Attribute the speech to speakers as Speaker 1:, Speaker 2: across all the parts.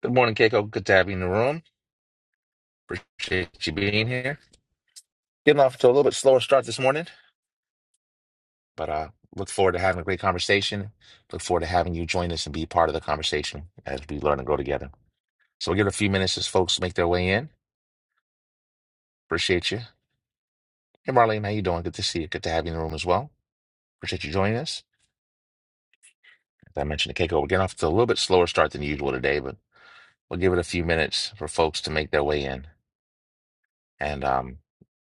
Speaker 1: Good morning, Keiko. Good to have you in the room. Appreciate you being here. Getting off to a little bit slower start this morning, but uh, look forward to having a great conversation. Look forward to having you join us and be part of the conversation as we learn and grow together. So we'll give it a few minutes as folks make their way in. Appreciate you. Hey, Marlene, how you doing? Good to see you. Good to have you in the room as well. Appreciate you joining us. As I mentioned to Keiko, we're getting off to a little bit slower start than usual today, but we'll give it a few minutes for folks to make their way in. And um,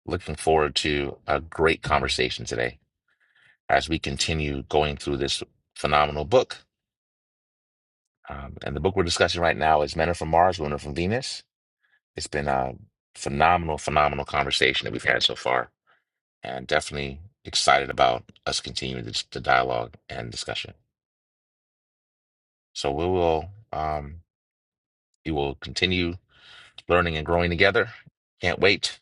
Speaker 1: looking forward to a great conversation today. as we continue going through this phenomenal book. Um, and the book we're discussing right now is Men Are From Mars, Women Are From Venus. It's been a phenomenal, phenomenal conversation that we've had so far, and definitely excited about us continuing this, the dialogue and discussion. So we will, um, we will continue learning and growing together. Can't wait.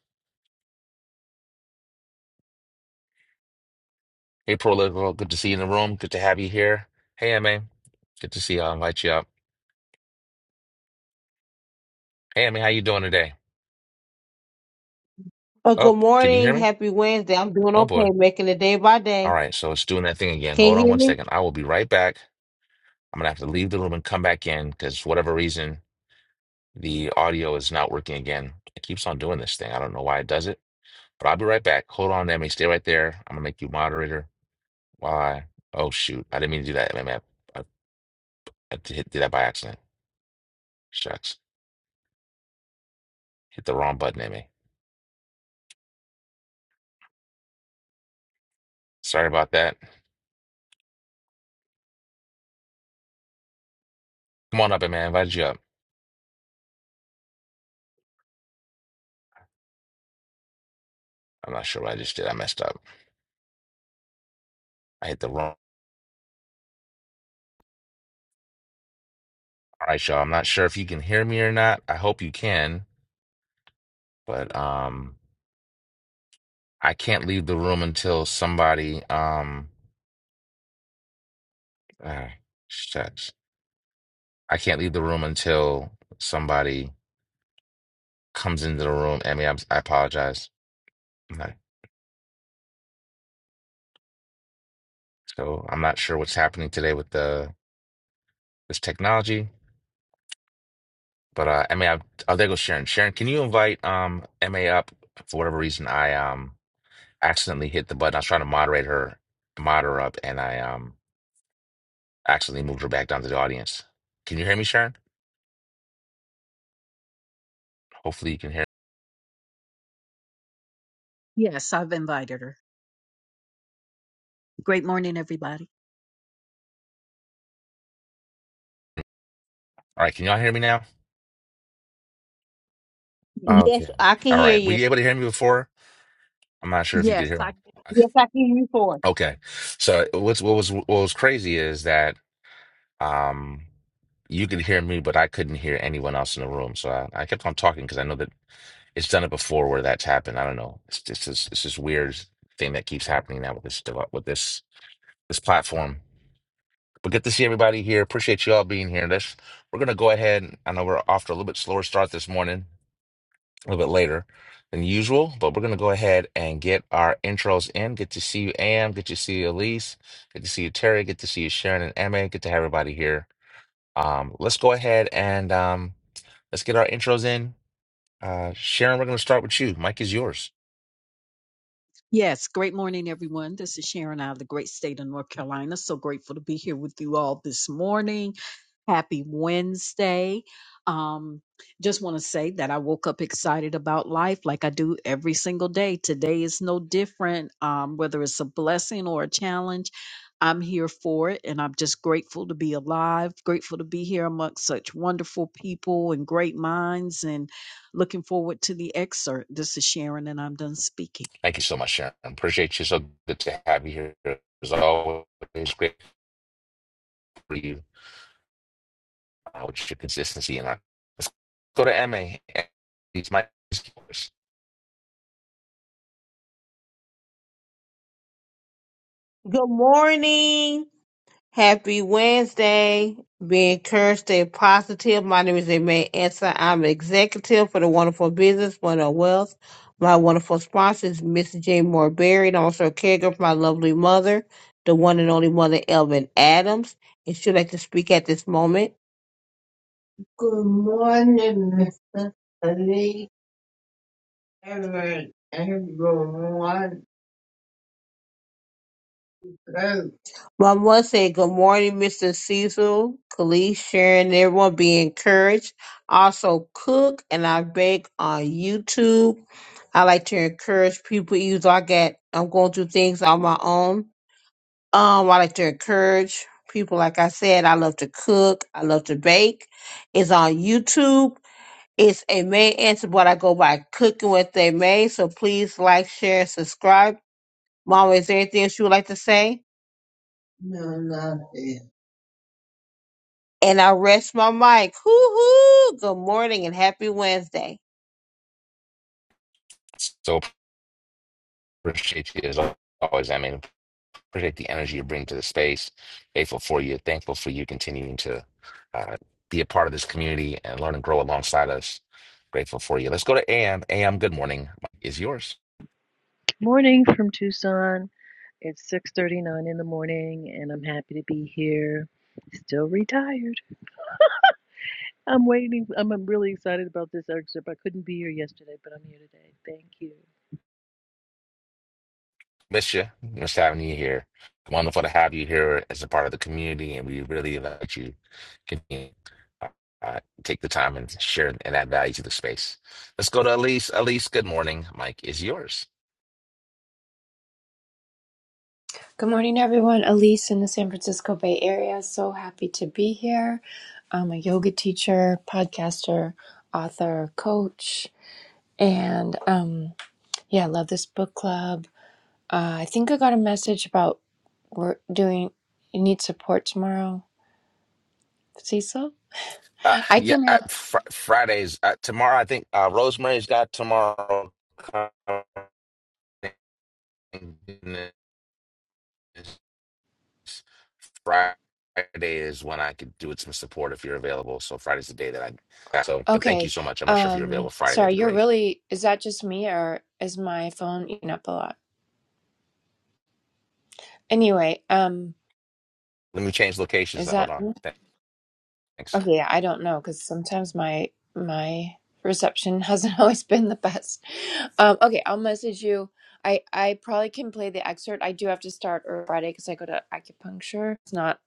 Speaker 1: Hey, Prolifico, good to see you in the room. Good to have you here. Hey, MA, good to see you. I'll invite you up. Hey, MA, how you doing today?
Speaker 2: Oh, good
Speaker 1: Oh, can you hear
Speaker 2: morning.
Speaker 1: me?
Speaker 2: Happy Wednesday. I'm doing
Speaker 1: Oh
Speaker 2: okay,
Speaker 1: boy.
Speaker 2: making it day by
Speaker 1: All
Speaker 2: day.
Speaker 1: right, so it's doing that thing again.
Speaker 2: Can
Speaker 1: Hold
Speaker 2: you
Speaker 1: on
Speaker 2: hear
Speaker 1: one
Speaker 2: me?
Speaker 1: second. I will be right back. I'm gonna have to leave the room and come back in because for whatever reason, the audio is not working again. It keeps on doing this thing. I don't know why it does it, but I'll be right back. Hold on, Emmy. Stay right there. I'm gonna make you moderator. Why? Oh shoot, I didn't mean to do that, Emmy. I, I, I did, did that by accident. Shucks, hit the wrong button, Emmy. Sorry about that. Come on up, Emmy. I invited you up. I'm not sure what I just did. I messed up. I hit the wrong. All right, y'all. I'm not sure if you can hear me or not. I hope you can, but um. I can't leave the room until somebody um ah, shucks. I can't leave the room until somebody comes into the room. I mean, I'm, I apologize. I'm not, so I'm not sure what's happening today with the this technology, but uh, I mean, I, oh, there goes Sharon. Sharon, can you invite um Ma up? For whatever reason, I um accidentally hit the button. I was trying to moderate her, mod her up, and I um accidentally moved her back down to the audience. Can you hear me, Sharon? Hopefully, you can hear.
Speaker 3: Yes, I've invited her. Great morning, everybody.
Speaker 1: All right, can y'all hear me now?
Speaker 2: Yes,
Speaker 1: Okay.
Speaker 2: I can
Speaker 1: All
Speaker 2: hear
Speaker 1: right. Were
Speaker 2: you.
Speaker 1: you able to hear me before? I'm not sure if you could
Speaker 3: Yes,
Speaker 1: hear
Speaker 3: I
Speaker 1: me.
Speaker 2: Yes, I can hear you for.
Speaker 1: Okay. So what's what was what was crazy is that um you could hear me, but I couldn't hear anyone else in the room. So I, I kept on talking because I know that it's done it before where that's happened. I don't know. It's just this it's this weird thing that keeps happening now with this dev- with this this platform. But good to see everybody here. Appreciate you all being here. Let's we're gonna go ahead. I know we're off to a little bit slower start this morning. a little bit later than usual, but we're going to go ahead and get our intros in. Good to see you, Am. Good to see you, Elise. Good to see you, Terry. Good to see you, Sharon and Emma. Good to have everybody here. Um, let's go ahead and um, let's get our intros in. Uh, Sharon, we're going to start with you. Mike is yours.
Speaker 3: Yes, great morning, everyone. This is Sharon out of the great state of North Carolina. So grateful to be here with you all this morning. Happy Wednesday. Um, just want to say that I woke up excited about life like I do every single day. Today is no different, um, whether it's a blessing or a challenge. I'm here for it, and I'm just grateful to be alive, grateful to be here amongst such wonderful people and great minds, and looking forward to the excerpt. This is Sharon, and I'm done speaking.
Speaker 1: Thank you so much, Sharon. Appreciate you. So good to have you here. As always, great for you uh, with your consistency. And our let's go to Emma. It's Mike is yours.
Speaker 2: Good morning. Happy Wednesday. Be encouraged, stay positive. My name is Aimee Answer. I'm executive for the Wonderful Business, Wonderful Wealth. My wonderful sponsor is Miss Jane Moore Berry, and I'm also a caregiver for my lovely mother, the one and only mother, Elvin Adams. And she'd like to speak at this moment. Good morning, Mr. Lee, Reverend, everyone. My mom said, Good morning, Mr. Cecil, Khalees, Sharon, everyone. Be encouraged. Also, cook and I bake on YouTube. I like to encourage people, even though I get, I'm going through things on my own. Um, I like to encourage people, like I said, I love to cook, I love to bake. It's on YouTube. It's a May answer, but I go by cooking with a May. So please like, share, subscribe. Mama, is there anything else you would like to say? No, nothing. And I rest my mic. Hoo hoo. Good morning and happy Wednesday.
Speaker 1: So appreciate you as always. Emma. Appreciate the energy you bring to the space. Grateful for you. Thankful for you continuing to uh, be a part of this community and learn and grow alongside us. Grateful for you. Let's go to AM. AM, good morning. Is yours.
Speaker 4: Morning from Tucson. It's 6:39 in the morning and I'm happy to be here. Still retired. I'm waiting. I'm, I'm really excited about this excerpt. I couldn't be here yesterday, but I'm here today. Thank you.
Speaker 1: Miss you. Miss having you here. Wonderful to have you here as a part of the community, and we really let you continue uh, uh, take the time and share and add value to the space. Let's go to Elise. Elise, good morning. Mike is yours.
Speaker 5: Good morning, everyone. Elise in the San Francisco Bay Area. So happy to be here. I'm a yoga teacher, podcaster, author, coach, and um, yeah, I love this book club. Uh, I think I got a message about we're doing. You need support tomorrow, Cecil.
Speaker 1: Uh,
Speaker 5: I
Speaker 1: yeah,
Speaker 5: can
Speaker 1: I,
Speaker 5: help.
Speaker 1: fr Fridays uh, tomorrow. I think uh, Rosemary's got tomorrow. Friday is when I could do it some support if you're available. So Friday's the day that I. So, but thank you
Speaker 5: Okay.
Speaker 1: so much. I'm not sure if you're
Speaker 5: Um,
Speaker 1: available Friday. That'd
Speaker 5: sorry,
Speaker 1: be
Speaker 5: you're
Speaker 1: great.
Speaker 5: really. Is that just me, or is my phone eating up a lot? Anyway, um,
Speaker 1: Let me change locations.
Speaker 5: is
Speaker 1: Though. Hold
Speaker 5: that
Speaker 1: on. Th- Thanks.
Speaker 5: Okay, I don't know because sometimes my my reception hasn't always been the best. Um, okay, I'll message you. I I probably can play the excerpt. I do have to start early Friday because I go to acupuncture. It's not.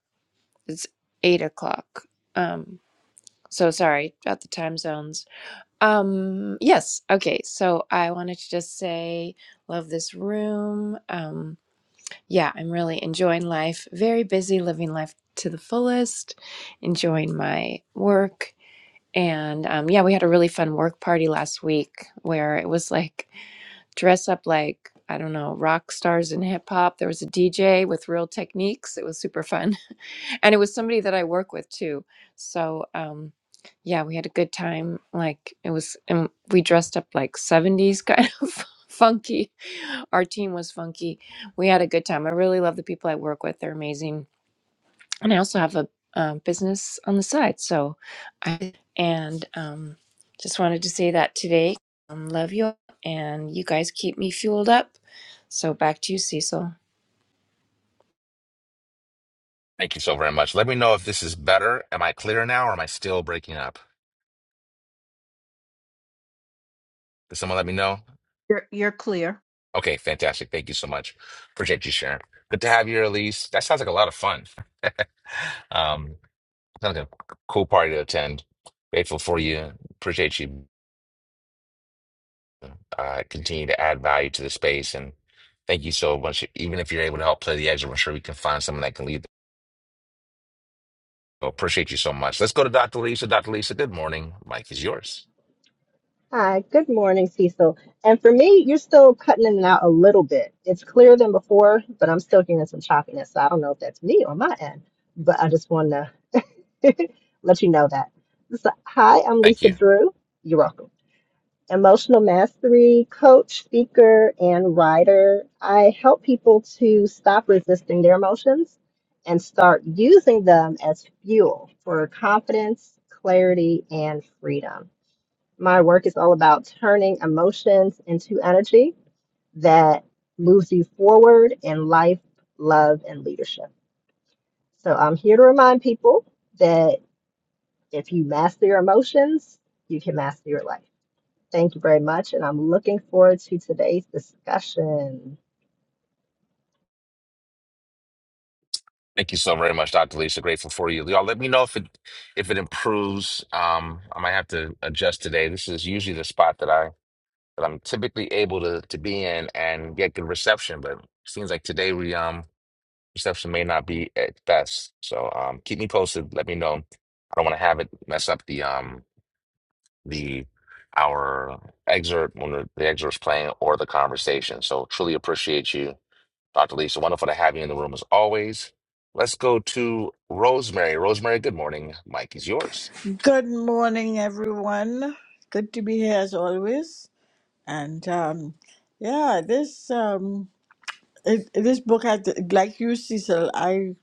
Speaker 5: It's eight o'clock. Um, so sorry about the time zones. Um, yes. Okay. So I wanted to just say, love this room. Um, yeah, I'm really enjoying life. Very busy, living life to the fullest. Enjoying my work and um, yeah, we had a really fun work party last week where it was like dress up like, I don't know, rock stars in hip hop. There was a DJ with real techniques. It was super fun. And it was somebody that I work with too. So um, yeah, we had a good time. Like it was, and we dressed up like 70s kind of funky. Our team was funky. We had a good time. I really love the people I work with. They're amazing and I also have a um, business on the side. So I and um, just wanted to say that today. Um, love you, all, and you guys keep me fueled up. So back to you, Cecil.
Speaker 1: Thank you so very much. Let me know if this is better. Am I clear now, or am I still breaking up? Does someone let me know?
Speaker 3: You're, you're clear.
Speaker 1: Okay, fantastic. Thank you so much. Appreciate you sharing. Good to have you, Elise. That sounds like a lot of fun. Um, sounds like a cool party to attend. Grateful for you. Appreciate you uh, continue to add value to the space. And thank you so much. Even if you're able to help play the exit, I'm sure we can find someone that can lead. So appreciate you so much. Let's go to Dr. Lisa. Dr. Lisa, good morning. Mike is yours.
Speaker 6: Hi, good morning, Cecil. And for me, you're still cutting in and out a little bit. It's clearer than before, but I'm still getting some choppiness. So I don't know if that's me or my end, but I just want to let you know that. So, hi, I'm
Speaker 1: Thank
Speaker 6: Lisa
Speaker 1: you.
Speaker 6: Drew. You're welcome. Emotional mastery coach, speaker, and writer. I help people to stop resisting their emotions and start using them as fuel for confidence, clarity, and freedom. My work is all about turning emotions into energy that moves you forward in life, love, and leadership. So I'm here to remind people that if you master your emotions, you can master your life. Thank you very much. And I'm looking forward to today's discussion.
Speaker 1: Thank you so very much, Dr. Lisa. Grateful for you. Y'all let me know if it if it improves. Um, I might have to adjust today. This is usually the spot that I that I'm typically able to to be in and get good reception, but it seems like today we um reception may not be at best. So um keep me posted. Let me know. I don't want to have it mess up the um the our excerpt when the, the excerpt's playing or the conversation. So truly appreciate you Dr. Lisa, wonderful to have you in the room as always. Let's go to Rosemary. Rosemary, good morning. Mike is yours.
Speaker 7: Good morning, everyone. Good to be here as always. And um, yeah, this um, it, this book, had, like you, Cecil, I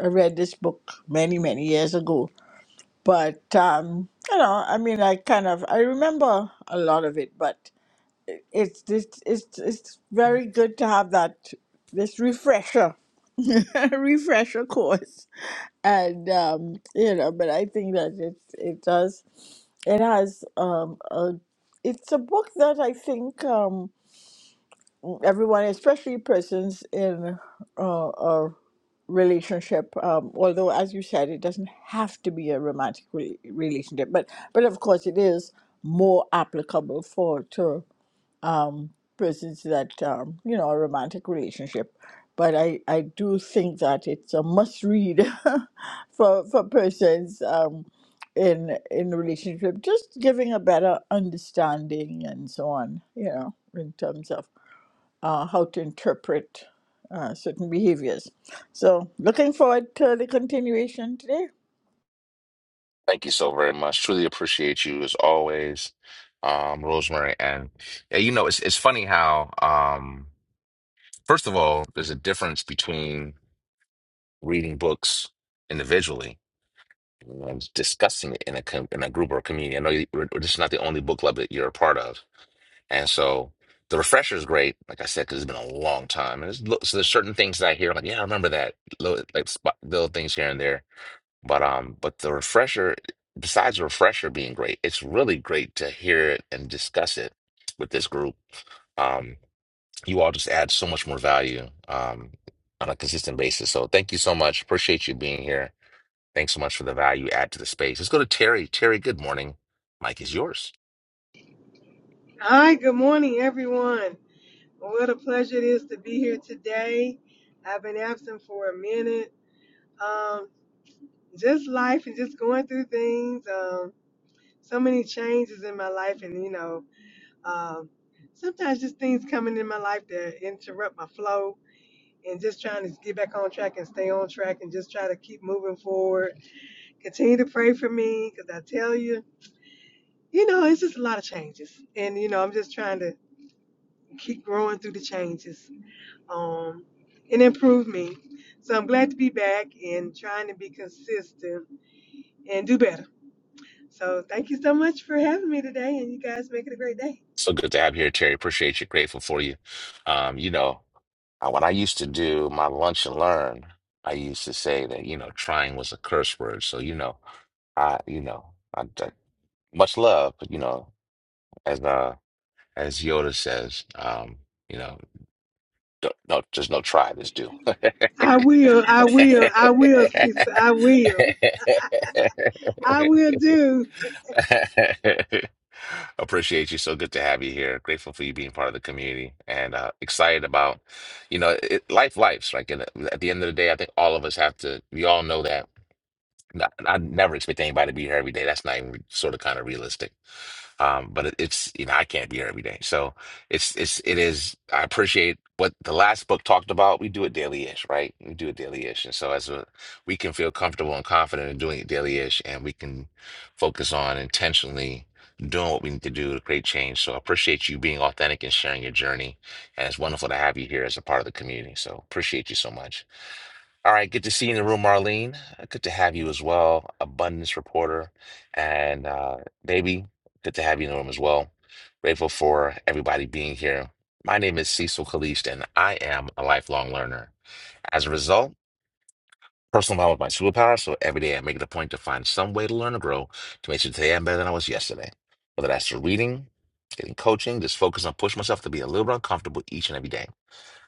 Speaker 7: read this book many, many years ago. But um, you know, I mean, I kind of I remember a lot of it, but it's this it's it's very good to have that this refresher refresher course and um you know but i think that it it does it has um a it's a book that i think um everyone especially persons in uh, a relationship um although as you said it doesn't have to be a romantic re- relationship but but of course it is more applicable for to um, persons that um, you know a romantic relationship, but I, I do think that it's a must read for for persons um, in in relationship, just giving a better understanding and so on. You know, in terms of uh, how to interpret uh, certain behaviors. So, looking forward to the continuation today.
Speaker 1: Thank you so very much. Truly appreciate you as always, um, Rosemary. And yeah, you know, it's it's funny how um, first of all, there's a difference between reading books individually and discussing it in a com in a group or community. I know you, we're- we're- this is not the only book club that you're a part of, And so the refresher is great, like I said, because it's been a long time. And there's, lo- so there's certain things that I hear, I'm like, yeah, I remember that, little, like spot, little things here and there. But um, but the refresher, besides the refresher being great, it's really great to hear it and discuss it with this group. Um, you all just add so much more value um, on a consistent basis. So thank you so much. Appreciate you being here. Thanks so much for the value you add to the space. Let's go to Terry. Terry, good morning. Mike is yours.
Speaker 8: Hi, good morning, everyone. What a pleasure it is to be here today. I've been absent for a minute. Um, just life and just going through things. Um, so many changes in my life, and you know, um, sometimes just things coming in my life that interrupt my flow. And just trying to get back on track and stay on track, and just try to keep moving forward. Continue to pray for me, because I tell you, you know, it's just a lot of changes, and you know, I'm just trying to keep growing through the changes. um, and improve me. So I'm glad to be back and trying to be consistent and do better. So thank you so much for having me today, and you guys make it a great day.
Speaker 1: So good to have you here, Terry. Appreciate you. Grateful for you. Um, you know, uh, when I used to do my lunch and learn, I used to say that, you know, trying was a curse word. So, you know, I, you know, I, I- much love, but, you know, as, uh, as Yoda says, um, you know, don't, no, there's no try, there's do.
Speaker 8: I will, I will, I will, sister, I will, I will do.
Speaker 1: Appreciate you. So good to have you here. Grateful for you being part of the community and uh, excited about, you know, it, life, lives. Like and at the end of the day, I think all of us have to, we all know that not, I never expect anybody to be here every day. That's not even sort of kind of realistic. Um, but it, it's you know I can't be here every day, so it's it's it is. I appreciate what the last book talked about. We do it daily ish, right? We do it daily ish, and so as a, we can feel comfortable and confident in doing it daily ish, and we can focus on intentionally doing what we need to do to create change. So I appreciate you being authentic and sharing your journey, and it's wonderful to have you here as a part of the community. So appreciate you so much. All right, good to see you in the room, Marlene. Uh, Good to have you as well, abundance reporter, and uh, baby, good to have you in the room as well. Grateful for everybody being here. My name is Cecil Kalist, and I am a lifelong learner. As a result, personal development is my superpower. So every day, I make it a point to find some way to learn or grow to make sure today I'm better than I was yesterday. Whether that's through reading, getting coaching, just focus on pushing myself to be a little bit uncomfortable each and every day.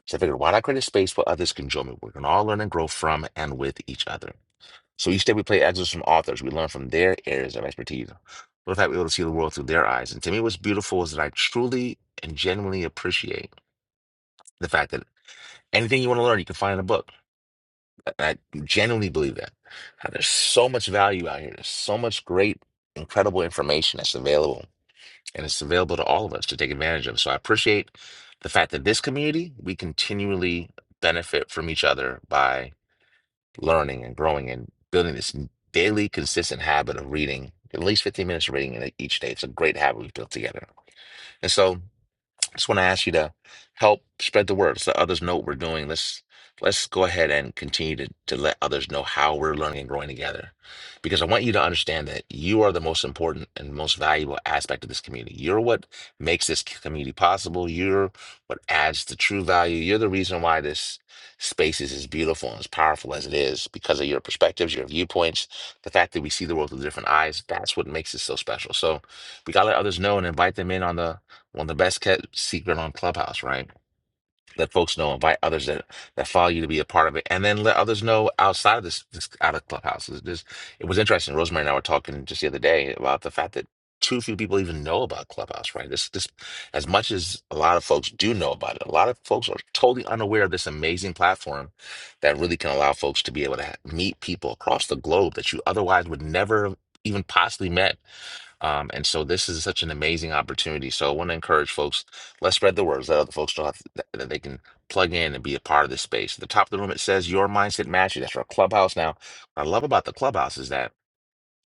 Speaker 1: So I figured, why not create a space where others can join me? We can all learn and grow from and with each other. So each day we play excerpts from authors. We learn from their areas of expertise. What if I were able to see the world through their eyes? And to me, what's beautiful is that I truly and genuinely appreciate the fact that anything you want to learn, you can find in a book. I I genuinely believe that. How There's so much value out here. There's so much great, incredible information that's available, and it's available to all of us to take advantage of. So I appreciate the fact that this community, we continually benefit from each other by. learning and growing and building this daily consistent habit of reading at least 15 minutes of reading in each day. It's a great habit we've built together. And so just want to ask you to help spread the word Let's Let others know what we're doing. Let's let's go ahead and continue to, to let others know how we're learning and growing together. Because I want you to understand that you are the most important and most valuable aspect of this community. You're what makes this community possible. You're what adds the true value. You're the reason why this space is as beautiful and as powerful as it is because of your perspectives, your viewpoints, the fact that we see the world through different eyes. That's what makes it so special. So we gotta let others know and invite them in on the one of the best kept secret on Clubhouse, right? Let folks know, invite others that, that follow you to be a part of it, and then let others know outside of this, this out of Clubhouse. It's just, it was interesting. Rosemary and I were talking just the other day about the fact that too few people even know about Clubhouse, right? This, this, as much as a lot of folks do know about it, a lot of folks are totally unaware of this amazing platform that really can allow folks to be able to ha- meet people across the globe that you otherwise would never have even possibly met um, and so this is such an amazing opportunity. So I want to encourage folks, let's spread the word. Let other folks know how that that they can plug in and be a part of this space. At the top of the room, it says your mindset mastery. That's our clubhouse. Now, what I love about the clubhouse is that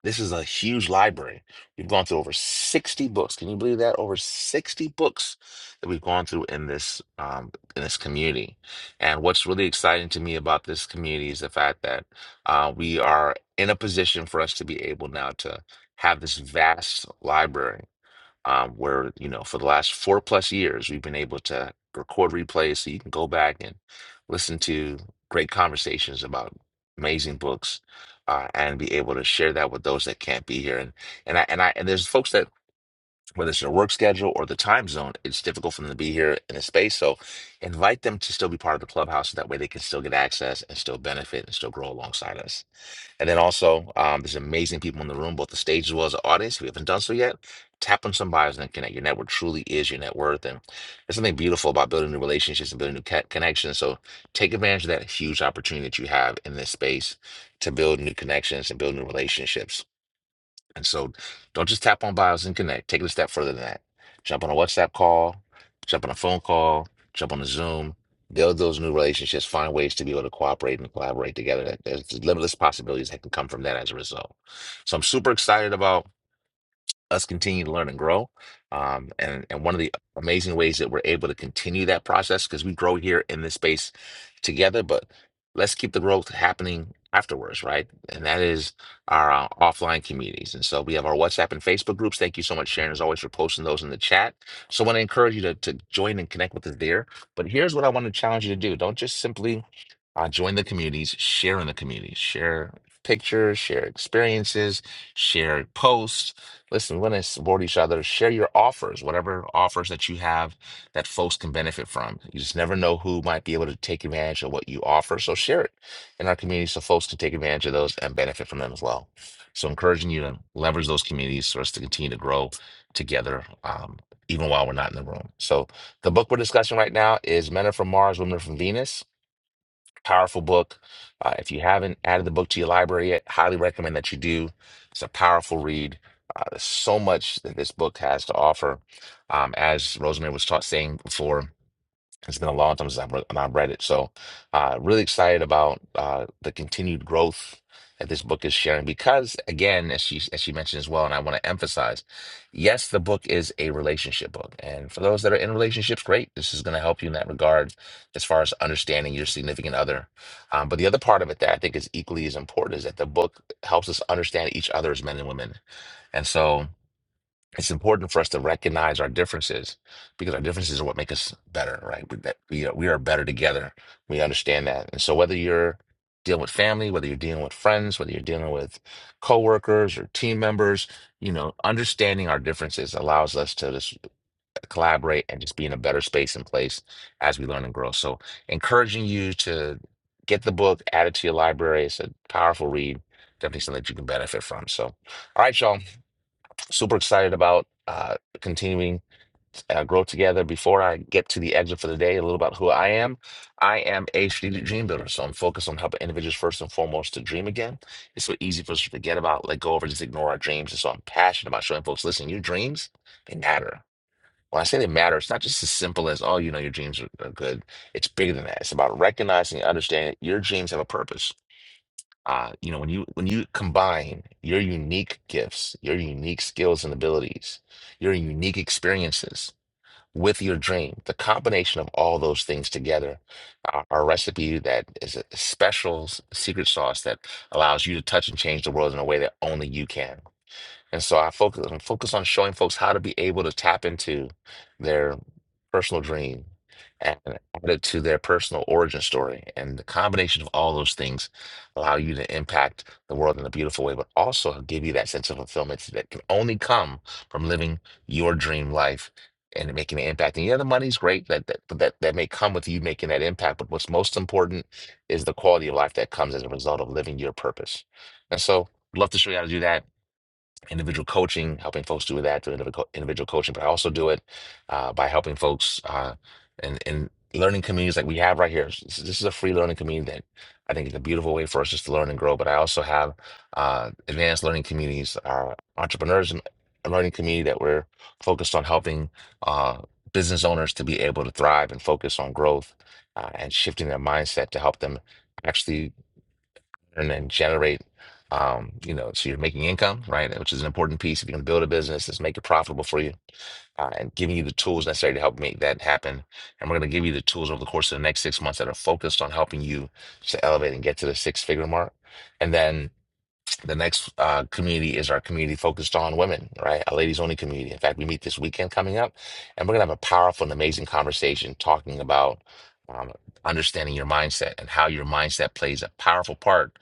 Speaker 1: this is a huge library. We've gone through over 60 books. Can you believe that? Over 60 books that we've gone through in this um, in this community. And what's really exciting to me about this community is the fact that uh, we are in a position for us to be able now to have this vast library um, where you know for the last four plus years we've been able to record replays so you can go back and listen to great conversations about amazing books uh, and be able to share that with those that can't be here and and I and I and there's folks that whether it's their work schedule or the time zone it's difficult for them to be here in a space so invite them to still be part of the clubhouse so that way they can still get access and still benefit and still grow alongside us and then also, um, there's amazing people in the room, both the stage as well as the audience. If you haven't done so yet, tap on some bios and connect. Your network truly is your net worth. And there's something beautiful about building new relationships and building new ca- connections. So take advantage of that huge opportunity that you have in this space to build new connections and build new relationships. And so don't just tap on bios and connect. Take it a step further than that. Jump on a WhatsApp call, jump on a phone call, jump on a Zoom, build those new relationships, find ways to be able to cooperate and collaborate together. That- There's limitless possibilities that can come from that as a result. So I'm super excited about us continue to learn and grow. Um, and, and one of the amazing ways that we're able to continue that process, because we grow here in this space together, but let's keep the growth happening afterwards, right? And that is our uh, offline communities. And so we have our WhatsApp and Facebook groups. Thank you so much, Sharon, as always, for posting those in the chat. So I want to encourage you to, to join and connect with us there. But here's what I want to challenge you to do don't just simply uh, join the communities, share in the communities, share pictures, share experiences, share posts Listen, we're going to support each other. Share your offers, whatever offers that you have that folks can benefit from. You just never know who might be able to take advantage of what you offer. So share it in our community so folks can take advantage of those and benefit from them as well. So encouraging you to leverage those communities for us to continue to grow together, um, even while we're not in the room. So the book we're discussing right now is Men Are From Mars, Women Are From Venus Powerful book. Uh, if you haven't added the book to your library yet, highly recommend that you do. It's a powerful read. Uh, there's so much that this book has to offer. Um, as Rosemary was taught saying before, it's been a long time since I've read, I've read it, so uh, really excited about uh, the continued growth that this book is sharing. Because again, as she as she mentioned as well, and I want to emphasize, yes, the book is a relationship book, and for those that are in relationships, great, this is going to help you in that regard as far as understanding your significant other. Um, but the other part of it that I think is equally as important is that the book helps us understand each other as men and women, and so it's important for us to recognize our differences because our differences are what make us better, right? We, that we are, we are better together. We understand that. And so whether you're dealing with family, whether you're dealing with friends, whether you're dealing with coworkers or team members, you know, understanding our differences allows us to just collaborate and just be in a better space and place as we learn and grow. So encouraging you to get the book, add it to your library. It's a powerful read. Definitely something that you can benefit from. So, all right, y'all super excited about uh, continuing uh, grow together. Before I get to the exit for the day, a little about who I am. I am a strategic dream builder, so I'm focused on helping individuals first and foremost to dream again. It's so easy for us to forget about, let go of, or just ignore our dreams. And so I'm passionate about showing folks, listen, your dreams they matter. When I say they matter, it's not just as simple as, oh, you know, your dreams are, are good. It's bigger than that. It's about recognizing and understanding that your dreams have a purpose uh, you know, when you when you combine your unique gifts, your unique skills and abilities, your unique experiences with your dream, the combination of all those things together are are a recipe that is a special s- secret sauce that allows you to touch and change the world in a way that only you can. And so I focus I focus on showing folks how to be able to tap into their personal dream and add it to their personal origin story. And the combination of all those things allow you to impact the world in a beautiful way, but also give you that sense of fulfillment that can only come from living your dream life and making an impact. And yeah, the money's great that that that, that may come with you making that impact, but what's most important is the quality of life that comes as a result of living your purpose. And so I'd love to show you how to do that individual coaching, helping folks do that through individual individual coaching, but I also do it uh, by helping folks uh, in, in learning communities like we have right here. This this is a free learning community that I think is a beautiful way for us just to learn and grow. But I also have uh, advanced learning communities, our entrepreneurs and learning community that we're focused on helping uh, business owners to be able to thrive and focus on growth uh, and shifting their mindset to help them actually and then generate um you know so you're making income right which is an important piece if you're going to build a business is make it profitable for you uh, and giving you the tools necessary to help make that happen and we're going to give you the tools over the course of the next six months that are focused on helping you to elevate and get to the six figure mark and then the next uh, community is our community focused on women, right? A ladies only community. In fact, we meet this weekend coming up, and we're going to have a powerful and amazing conversation talking about um, understanding your mindset and how your mindset plays a powerful part.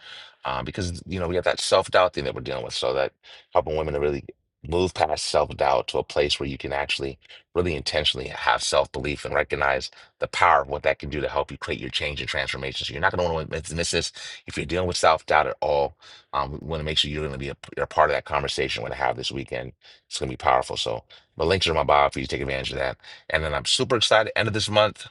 Speaker 1: Um, because you know we have that self doubt thing that we're dealing with, so that helping women to really move past self doubt to a place where you can actually really intentionally have self belief and recognize the power of what that can do to help you create your change and transformation. So you're not going to want to miss miss this if you're dealing with self doubt at all um, we want to make sure you're going to be a, you're a part of that conversation we're going to have this weekend. It's going to be powerful. So the links are in my bio for you to take advantage of that. And then I'm super excited. End of this month.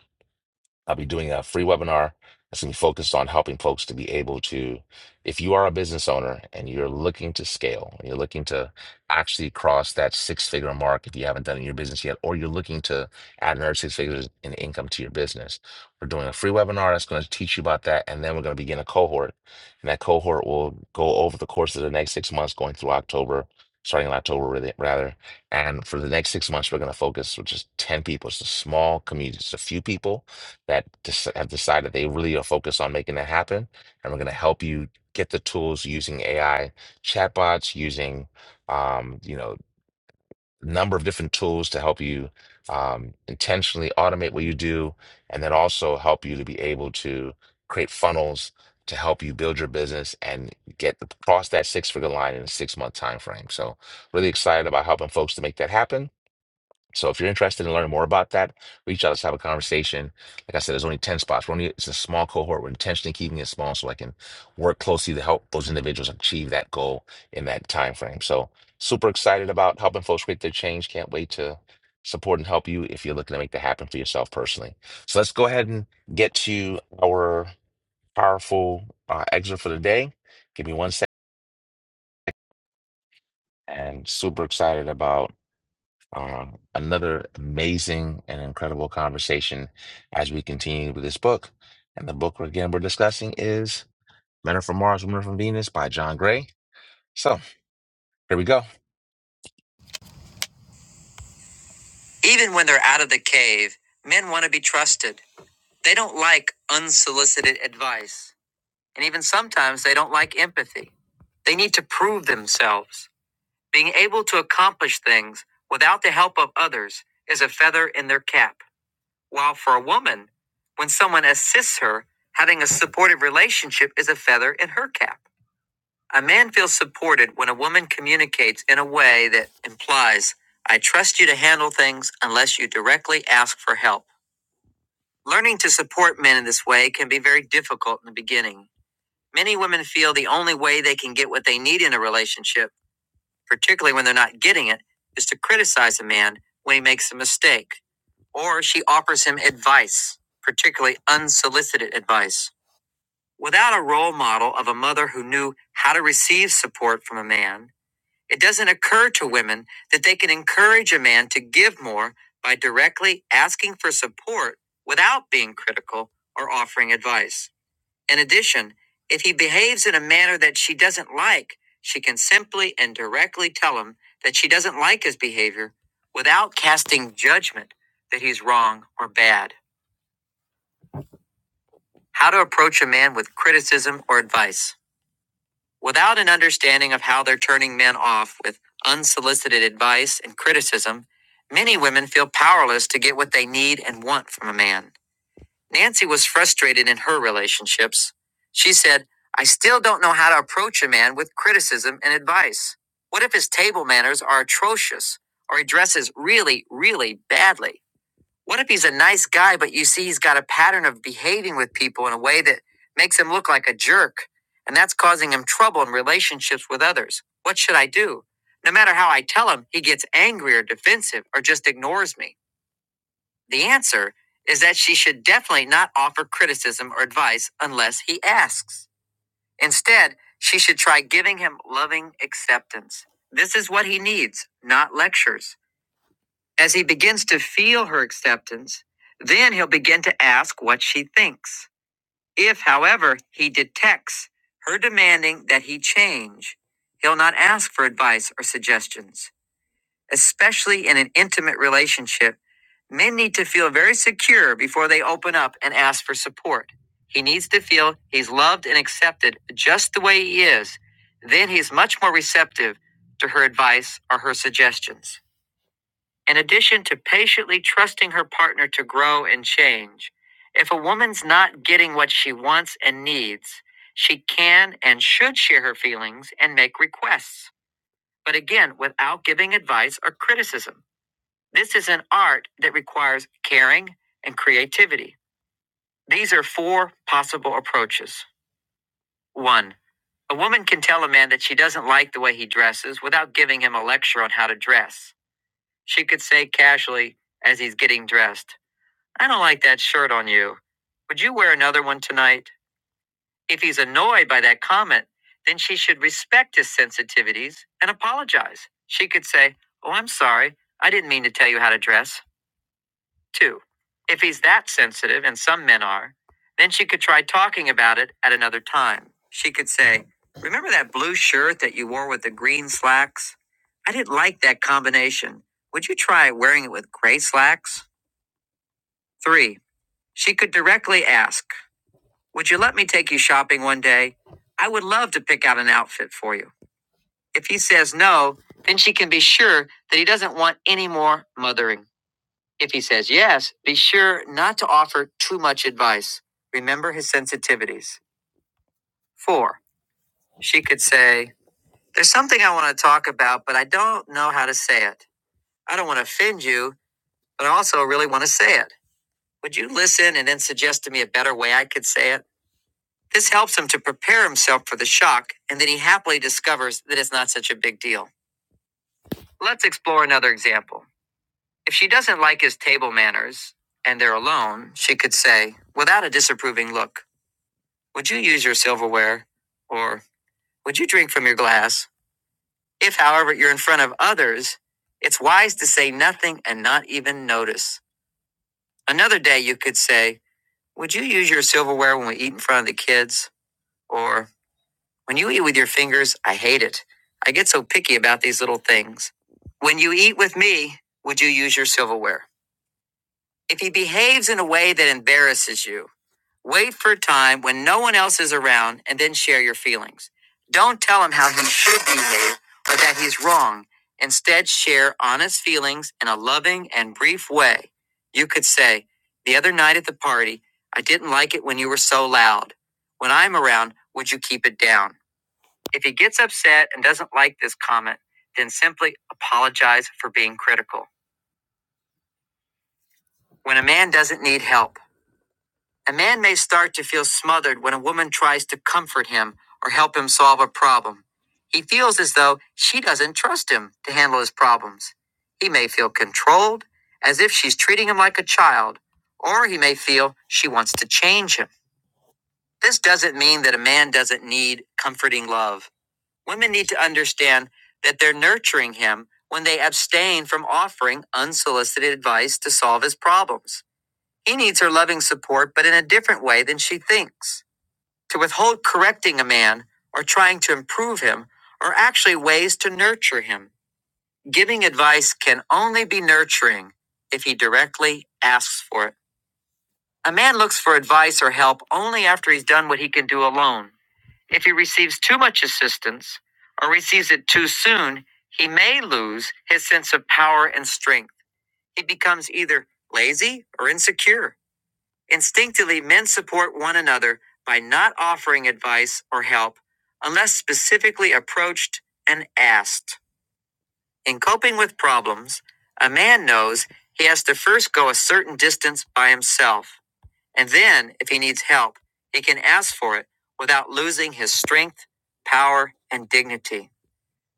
Speaker 1: I'll be doing a free webinar that's going to be focused on helping folks to be able to, if you are a business owner and you're looking to scale, and you're looking to actually cross that six figure mark if you haven't done it in your business yet, or you're looking to add another six figures in income to your business, we're doing a free webinar that's going to teach you about that. And then we're going to begin a cohort. And that cohort will go over the course of the next six months, going through October. Starting in October, really- rather. And for the next six months, we're going to focus with just 10 people. It's a small community, it's a few people that dis- have decided they really are focused on making that happen. And we're going to help you get the tools using AI chatbots, using um, you know a number of different tools to help you um, intentionally automate what you do, and then also help you to be able to create funnels to help you build your business and get the, cross that six figure line in a six month time frame. So really excited about helping folks to make that happen. So if you're interested in learning more about that, reach out. Let's have a conversation. Like I said, there's only 10 spots. We're only, it's a small cohort. We're intentionally keeping it small so I can work closely to help those individuals achieve that goal in that time frame. So super excited about helping folks create their change. Can't wait to support and help you if you're looking to make that happen for yourself personally. So let's go ahead and get to our powerful uh, excerpt for the day. Give me one second. And super excited about Uh, another amazing and incredible conversation as we continue with this book. And the book, again, we're discussing is Men Are From Mars, Women Are From Venus by John Gray. So here we go. Even when they're out of the cave, men want to be trusted. They don't like unsolicited advice. And even sometimes they don't like empathy. They need to prove themselves. Being able to accomplish things without the help of others is a feather in their cap. While for a woman, when someone assists her, having a supportive relationship is a feather in her cap. A man feels supported when a woman communicates in a way that implies, I trust you to handle things unless you directly ask for help. Learning to support men in this way can be very difficult in the beginning. Many women feel the only way they can get what they need in a relationship, particularly when they're not getting it, is to criticize a man when he makes a mistake or she offers him advice, particularly unsolicited advice. Without a role model of a mother who knew how to receive support from a man, it doesn't occur to women that they can encourage a man to give more by directly asking for support without being critical or offering advice. In addition, if he behaves in a manner that she doesn't like, she can simply and directly tell him that she doesn't like his behavior without casting judgment that he's wrong or bad. How to approach a man with criticism or advice. Without an understanding of how they're turning men off with unsolicited advice and criticism, many women feel powerless to get what they need and want from a man. Nancy was frustrated in her relationships. She said, I still don't know how to approach a man with criticism and advice. What if his table manners are atrocious or he dresses really, really badly? What if he's a nice guy, but you see he's got a pattern of behaving with people in a way that makes him look like a jerk and that's causing him trouble in relationships with others? What should I do? No matter how I tell him, he gets angry or defensive or just ignores me. The answer is that she should definitely not offer criticism or advice unless he asks. Instead, she should try giving him loving acceptance. This is what he needs, not lectures. As he begins to feel her acceptance, then he'll begin to ask what she thinks. If, however, he detects her demanding that he change, he'll not ask for advice or suggestions especially in an intimate relationship, men need to feel very secure before they open up and ask for support. He needs to feel he's loved and accepted just the way he is. Then he's much more receptive to her advice or her suggestions. In addition to patiently trusting her partner to grow and change, if a woman's not getting what she wants and needs, she can and should share her feelings and make requests, but again, without giving advice or criticism. This is an art that requires caring and creativity. These are four possible approaches. One, a woman can tell a man that she doesn't like the way he dresses without giving him a lecture on how to dress. She could say casually, as he's getting dressed, I don't like that shirt on you. Would you wear another one tonight? If he's annoyed by that comment, then she should respect his sensitivities and apologize. She could say, Oh, I'm sorry. I didn't mean to tell you how to dress. Two, if he's that sensitive, and some men are, then she could try talking about it at another time. She could say, Remember that blue shirt that you wore with the green slacks? I didn't like that combination. Would you try wearing it with gray slacks? Three, she could directly ask, Would you let me take you shopping one day? I would love to pick out an outfit for you. If he says no, then she can be sure that he doesn't want any more mothering. If he says yes, be sure not to offer too much advice. Remember his sensitivities. Four, she could say, There's something I want to talk about, but I don't know how to say it. I don't want to offend you, but I also really want to say it. Would you listen and then suggest to me a better way I could say it? This helps him to prepare himself for the shock, and then he happily discovers that it's not such a big deal. Let's explore another example. If she doesn't like his table manners and they're alone, she could say, without a disapproving look, Would you use your silverware? Or would you drink from your glass? If, however, you're in front of others, it's wise to say nothing and not even notice. Another day you could say, Would you use your silverware when we eat in front of the kids? Or, When you eat with your fingers, I hate it. I get so picky about these little things. When you eat with me, would you use your silverware? If he behaves in a way that embarrasses you, Wait for a time when no one else is around and then share your feelings. Don't tell him how he should behave or that he's wrong. Instead, share honest feelings in a loving and brief way. You could say, The other night at the party, I didn't like it when you were so loud. When I'm around, would you keep it down? If he gets upset and doesn't like this comment, then simply apologize for being critical. When a man doesn't need help, A man may start to feel smothered when a woman tries to comfort him or help him solve a problem. He feels as though she doesn't trust him to handle his problems. He may feel controlled, as if she's treating him like a child, or he may feel she wants to change him. This doesn't mean that a man doesn't need comforting love. Women need to understand that they're nurturing him when they abstain from offering unsolicited advice to solve his problems. He needs her loving support, but in a different way than she thinks. To withhold correcting a man or trying to improve him are actually ways to nurture him. Giving advice can only be nurturing if he directly asks for it. A man looks for advice or help only after he's done what he can do alone. If he receives too much assistance or receives it too soon, he may lose his sense of power and strength. He becomes either lazy or insecure. Instinctively, men support one another by not offering advice or help unless specifically approached and asked. In coping with problems, a man knows he has to first go a certain distance by himself, and then, if he needs help, he can ask for it without losing his strength, power, and dignity.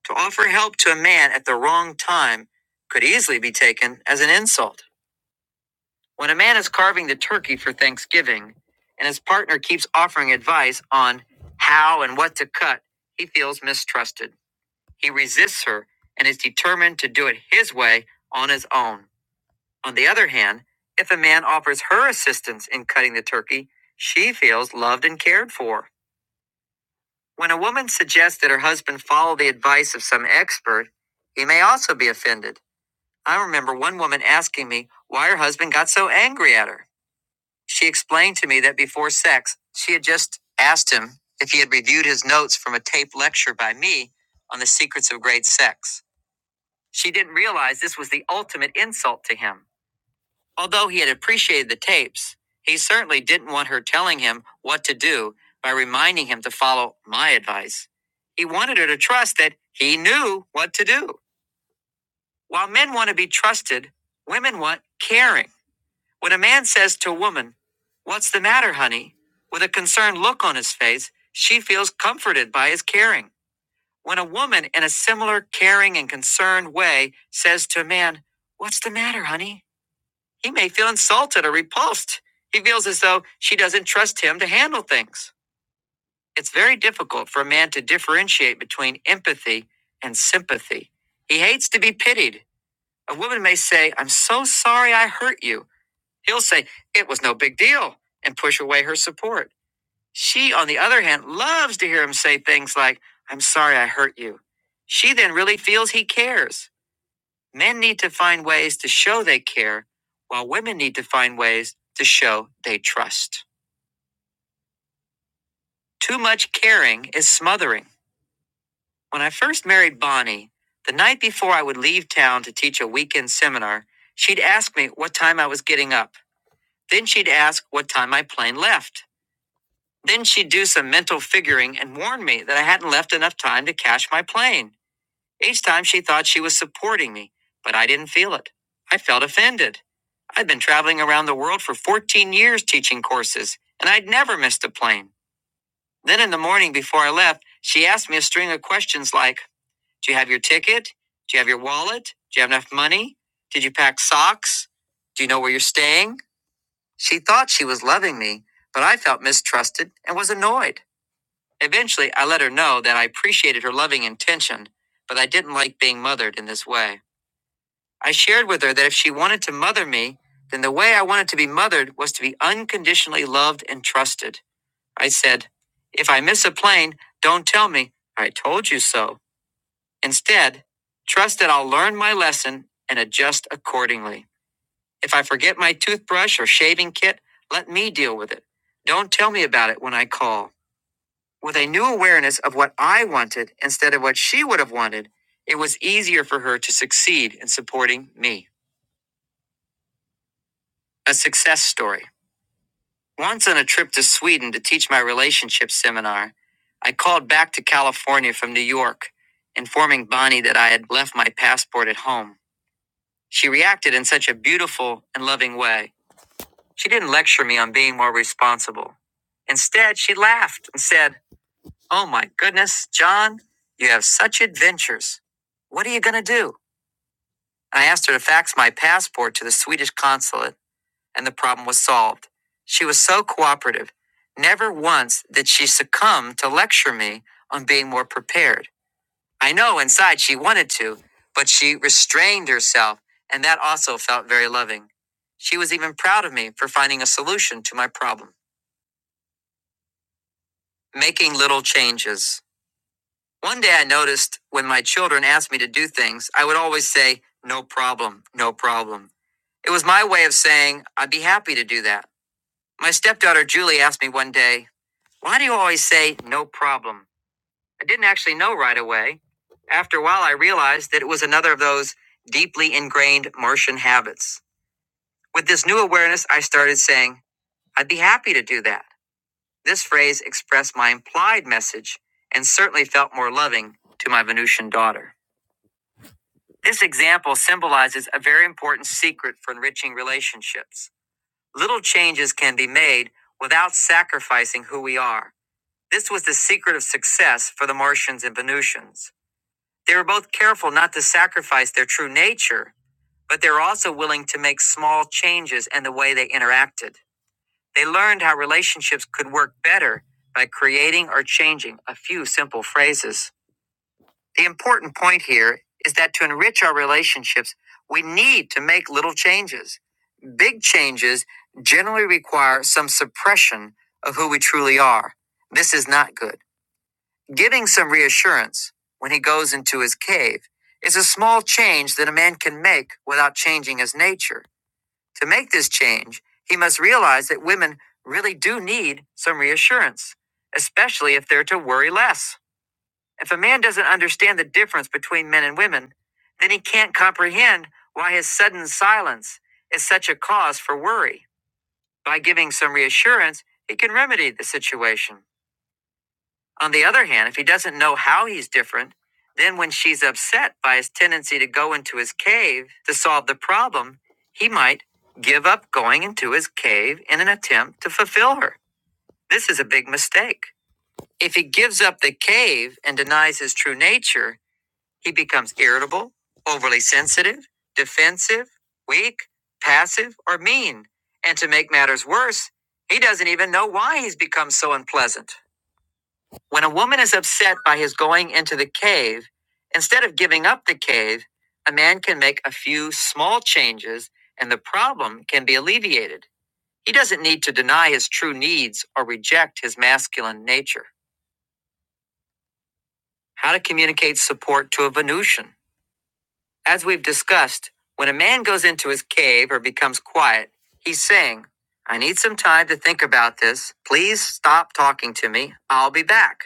Speaker 1: To offer help to a man at the wrong time could easily be taken as an insult. When a man is carving the turkey for Thanksgiving and his partner keeps offering advice on how and what to cut, he feels mistrusted. He resists her and is determined to do it his way on his own. On the other hand, if a man offers her assistance in cutting the turkey, she feels loved and cared for. When a woman suggests that her husband follow the advice of some expert, he may also be offended. I remember one woman asking me why her husband got so angry at her. She explained to me that before sex, she had just asked him if he had reviewed his notes from a taped lecture by me on the secrets of great sex. She didn't realize this was the ultimate insult to him. Although he had appreciated the tapes, he certainly didn't want her telling him what to do by reminding him to follow my advice. He wanted her to trust that he knew what to do. While men want to be trusted, women want caring. When a man says to a woman, What's the matter, honey? with a concerned look on his face, she feels comforted by his caring. When a woman, in a similar caring and concerned way, says to a man, What's the matter, honey? he may feel insulted or repulsed. He feels as though she doesn't trust him to handle things. It's very difficult for a man to differentiate between empathy and sympathy. He hates to be pitied. A woman may say, I'm so sorry I hurt you He'll say, It was no big deal, and push away her support. She, on the other hand, loves to hear him say things like, I'm sorry I hurt you. She then really feels he cares. Men need to find ways to show they care, while women need to find ways to show they trust. Too much caring is smothering. When I first married Bonnie, the night before I would leave town to teach a weekend seminar, she'd ask me what time I was getting up. Then she'd ask what time my plane left. Then she'd do some mental figuring and warn me that I hadn't left enough time to cash my plane. Each time she thought she was supporting me, but I didn't feel it. I felt offended. I'd been traveling around the world for 14 years teaching courses, and I'd never missed a plane. Then in the morning before I left, she asked me a string of questions like Do you have your ticket? Do you have your wallet? Do you have enough money? Did you pack socks? Do you know where you're staying? She thought she was loving me, but I felt mistrusted and was annoyed. Eventually, I let her know that I appreciated her loving intention, but I didn't like being mothered in this way. I shared with her that if she wanted to mother me, then the way I wanted to be mothered was to be unconditionally loved and trusted. I said, If I miss a plane, don't tell me, I told you so. Instead, trust that I'll learn my lesson and adjust accordingly. If I forget my toothbrush or shaving kit, let me deal with it. Don't tell me about it when I call. With a new awareness of what I wanted instead of what she would have wanted, it was easier for her to succeed in supporting me. A success story. Once on a trip to Sweden to teach my relationship seminar, I called back to California from New York, informing Bonnie that I had left my passport at home. She reacted in such a beautiful and loving way. She didn't lecture me on being more responsible. Instead, she laughed and said, Oh my goodness, John, you have such adventures. What are you going to do? I asked her to fax my passport to the Swedish consulate, and the problem was solved. She was so cooperative. Never once did she succumb to lecture me on being more prepared. I know inside she wanted to, but she restrained herself, and that also felt very loving. She was even proud of me for finding a solution to my problem, making little changes. One day I noticed when my children asked me to do things, I would always say, no problem, no problem. It was my way of saying, I'd be happy to do that. My stepdaughter Julie asked me one day, why do you always say no problem? I didn't actually know right away. After a while, I realized that it was another of those deeply ingrained Martian habits. With this new awareness, I started saying, I'd be happy to do that. This phrase expressed my implied message and certainly felt more loving to my Venusian daughter. This example symbolizes a very important secret for enriching relationships. Little changes can be made without sacrificing who we are. This was the secret of success for the Martians and Venusians. They were both careful not to sacrifice their true nature, but they were also willing to make small changes in the way they interacted. They learned how relationships could work better by creating or changing a few simple phrases. The important point here is that to enrich our relationships, we need to make little changes. Big changes generally require some suppression of who we truly are. This is not good. Giving some reassurance when he goes into his cave is a small change that a man can make without changing his nature. To make this change, he must realize that women really do need some reassurance, especially if they're to worry less. If a man doesn't understand the difference between men and women, then he can't comprehend why his sudden silence is such a cause for worry. By giving some reassurance, he can remedy the situation. On the other hand, if he doesn't know how he's different, then when she's upset by his tendency to go into his cave to solve the problem, he might give up going into his cave in an attempt to fulfill her. This is a big mistake. If he gives up the cave and denies his true nature, he becomes irritable, overly sensitive, defensive, weak, passive, or mean. And to make matters worse, he doesn't even know why he's become so unpleasant. When a woman is upset by his going into the cave, instead of giving up the cave, a man can make a few small changes and the problem can be alleviated. He doesn't need to deny his true needs or reject his masculine nature. How to communicate support to a Venusian. As we've discussed, when a man goes into his cave or becomes quiet, he's saying, I need some time to think about this. Please stop talking to me. I'll be back.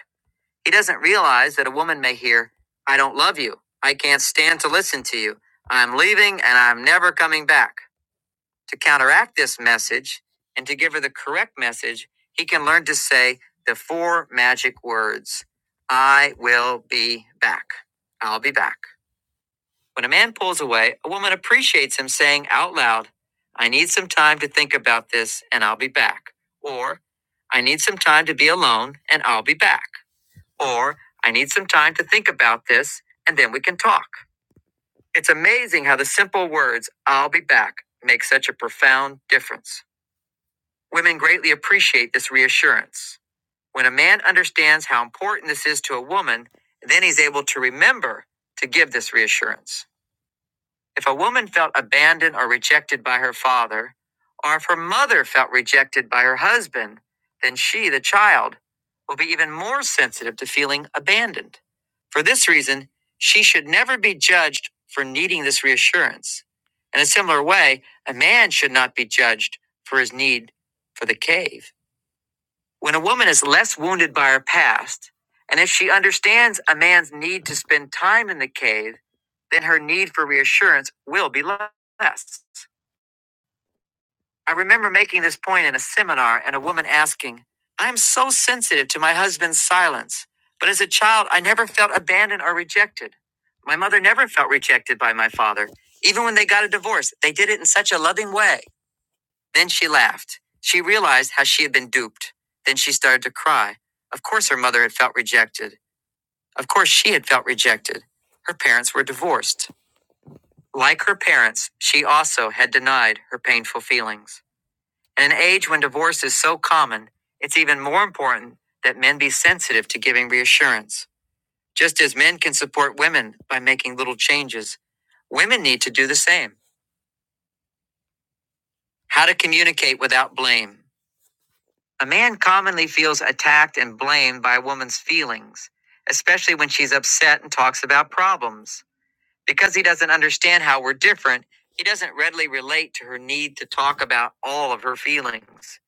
Speaker 1: He doesn't realize that a woman may hear, I don't love you. I can't stand to listen to you. I'm leaving and I'm never coming back. To counteract this message and to give her the correct message, he can learn to say the four magic words I will be back. I'll be back. When a man pulls away, a woman appreciates him saying out loud, I need some time to think about this and I'll be back. Or, I need some time to be alone and I'll be back. Or, I need some time to think about this and then we can talk. It's amazing how the simple words, I'll be back, make such a profound difference. Women greatly appreciate this reassurance. When a man understands how important this is to a woman, then he's able to remember to give this reassurance. If a woman felt abandoned or rejected by her father, or if her mother felt rejected by her husband, then she, the child, will be even more sensitive to feeling abandoned. For this reason, she should never be judged for needing this reassurance. In a similar way, a man should not be judged for his need for the cave. When a woman is less wounded by her past, and if she understands a man's need to spend time in the cave, then her need for reassurance will be less. I remember making this point in a seminar and a woman asking, I am so sensitive to my husband's silence, but as a child, I never felt abandoned or rejected. My mother never felt rejected by my father. Even when they got a divorce, they did it in such a loving way. Then she laughed. She realized how she had been duped. Then she started to cry. Of course, her mother had felt rejected. Of course, she had felt rejected. Her parents were divorced. Like her parents, she also had denied her painful feelings. In an age when divorce is so common, it's even more important that men be sensitive to giving reassurance. Just as men can support women by making little changes, women need to do the same. How to communicate without blame. A man commonly feels attacked and blamed by a woman's feelings, especially when she's upset and talks about problems. Because he doesn't understand how we're different, he doesn't readily relate to her need to talk about all of her feelings.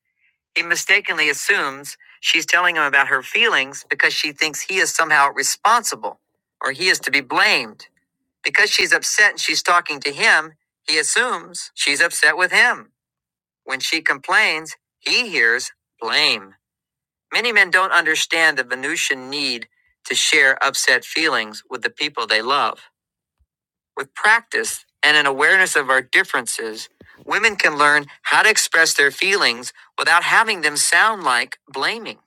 Speaker 1: He mistakenly assumes she's telling him about her feelings because she thinks he is somehow responsible or he is to be blamed. Because she's upset and she's talking to him, he assumes she's upset with him. When she complains, he hears blame. Many men don't understand the Venusian need to share upset feelings with the people they love. With practice and an awareness of our differences, women can learn how to express their feelings without having them sound like blaming.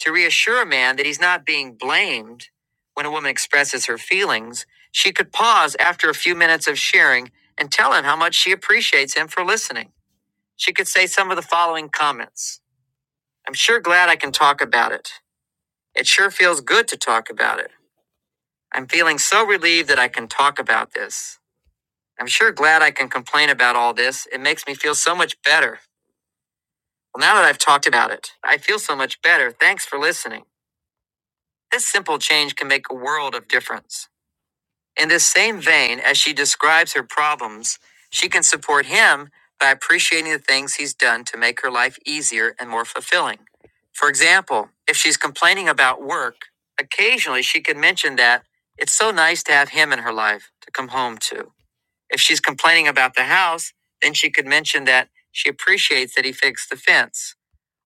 Speaker 1: To reassure a man that he's not being blamed when a woman expresses her feelings, she could pause after a few minutes of sharing and tell him how much she appreciates him for listening. She could say some of the following comments I'm sure glad I can talk about it. It sure feels good to talk about it. I'm feeling so relieved that I can talk about this. I'm sure glad I can complain about all this. It makes me feel so much better. Well, now that I've talked about it, I feel so much better. Thanks for listening. This simple change can make a world of difference. In the same vein as she describes her problems, she can support him by appreciating the things he's done to make her life easier and more fulfilling. For example, if she's complaining about work, occasionally she can mention that it's so nice to have him in her life to come home to. If she's complaining about the house, then she could mention that she appreciates that he fixed the fence.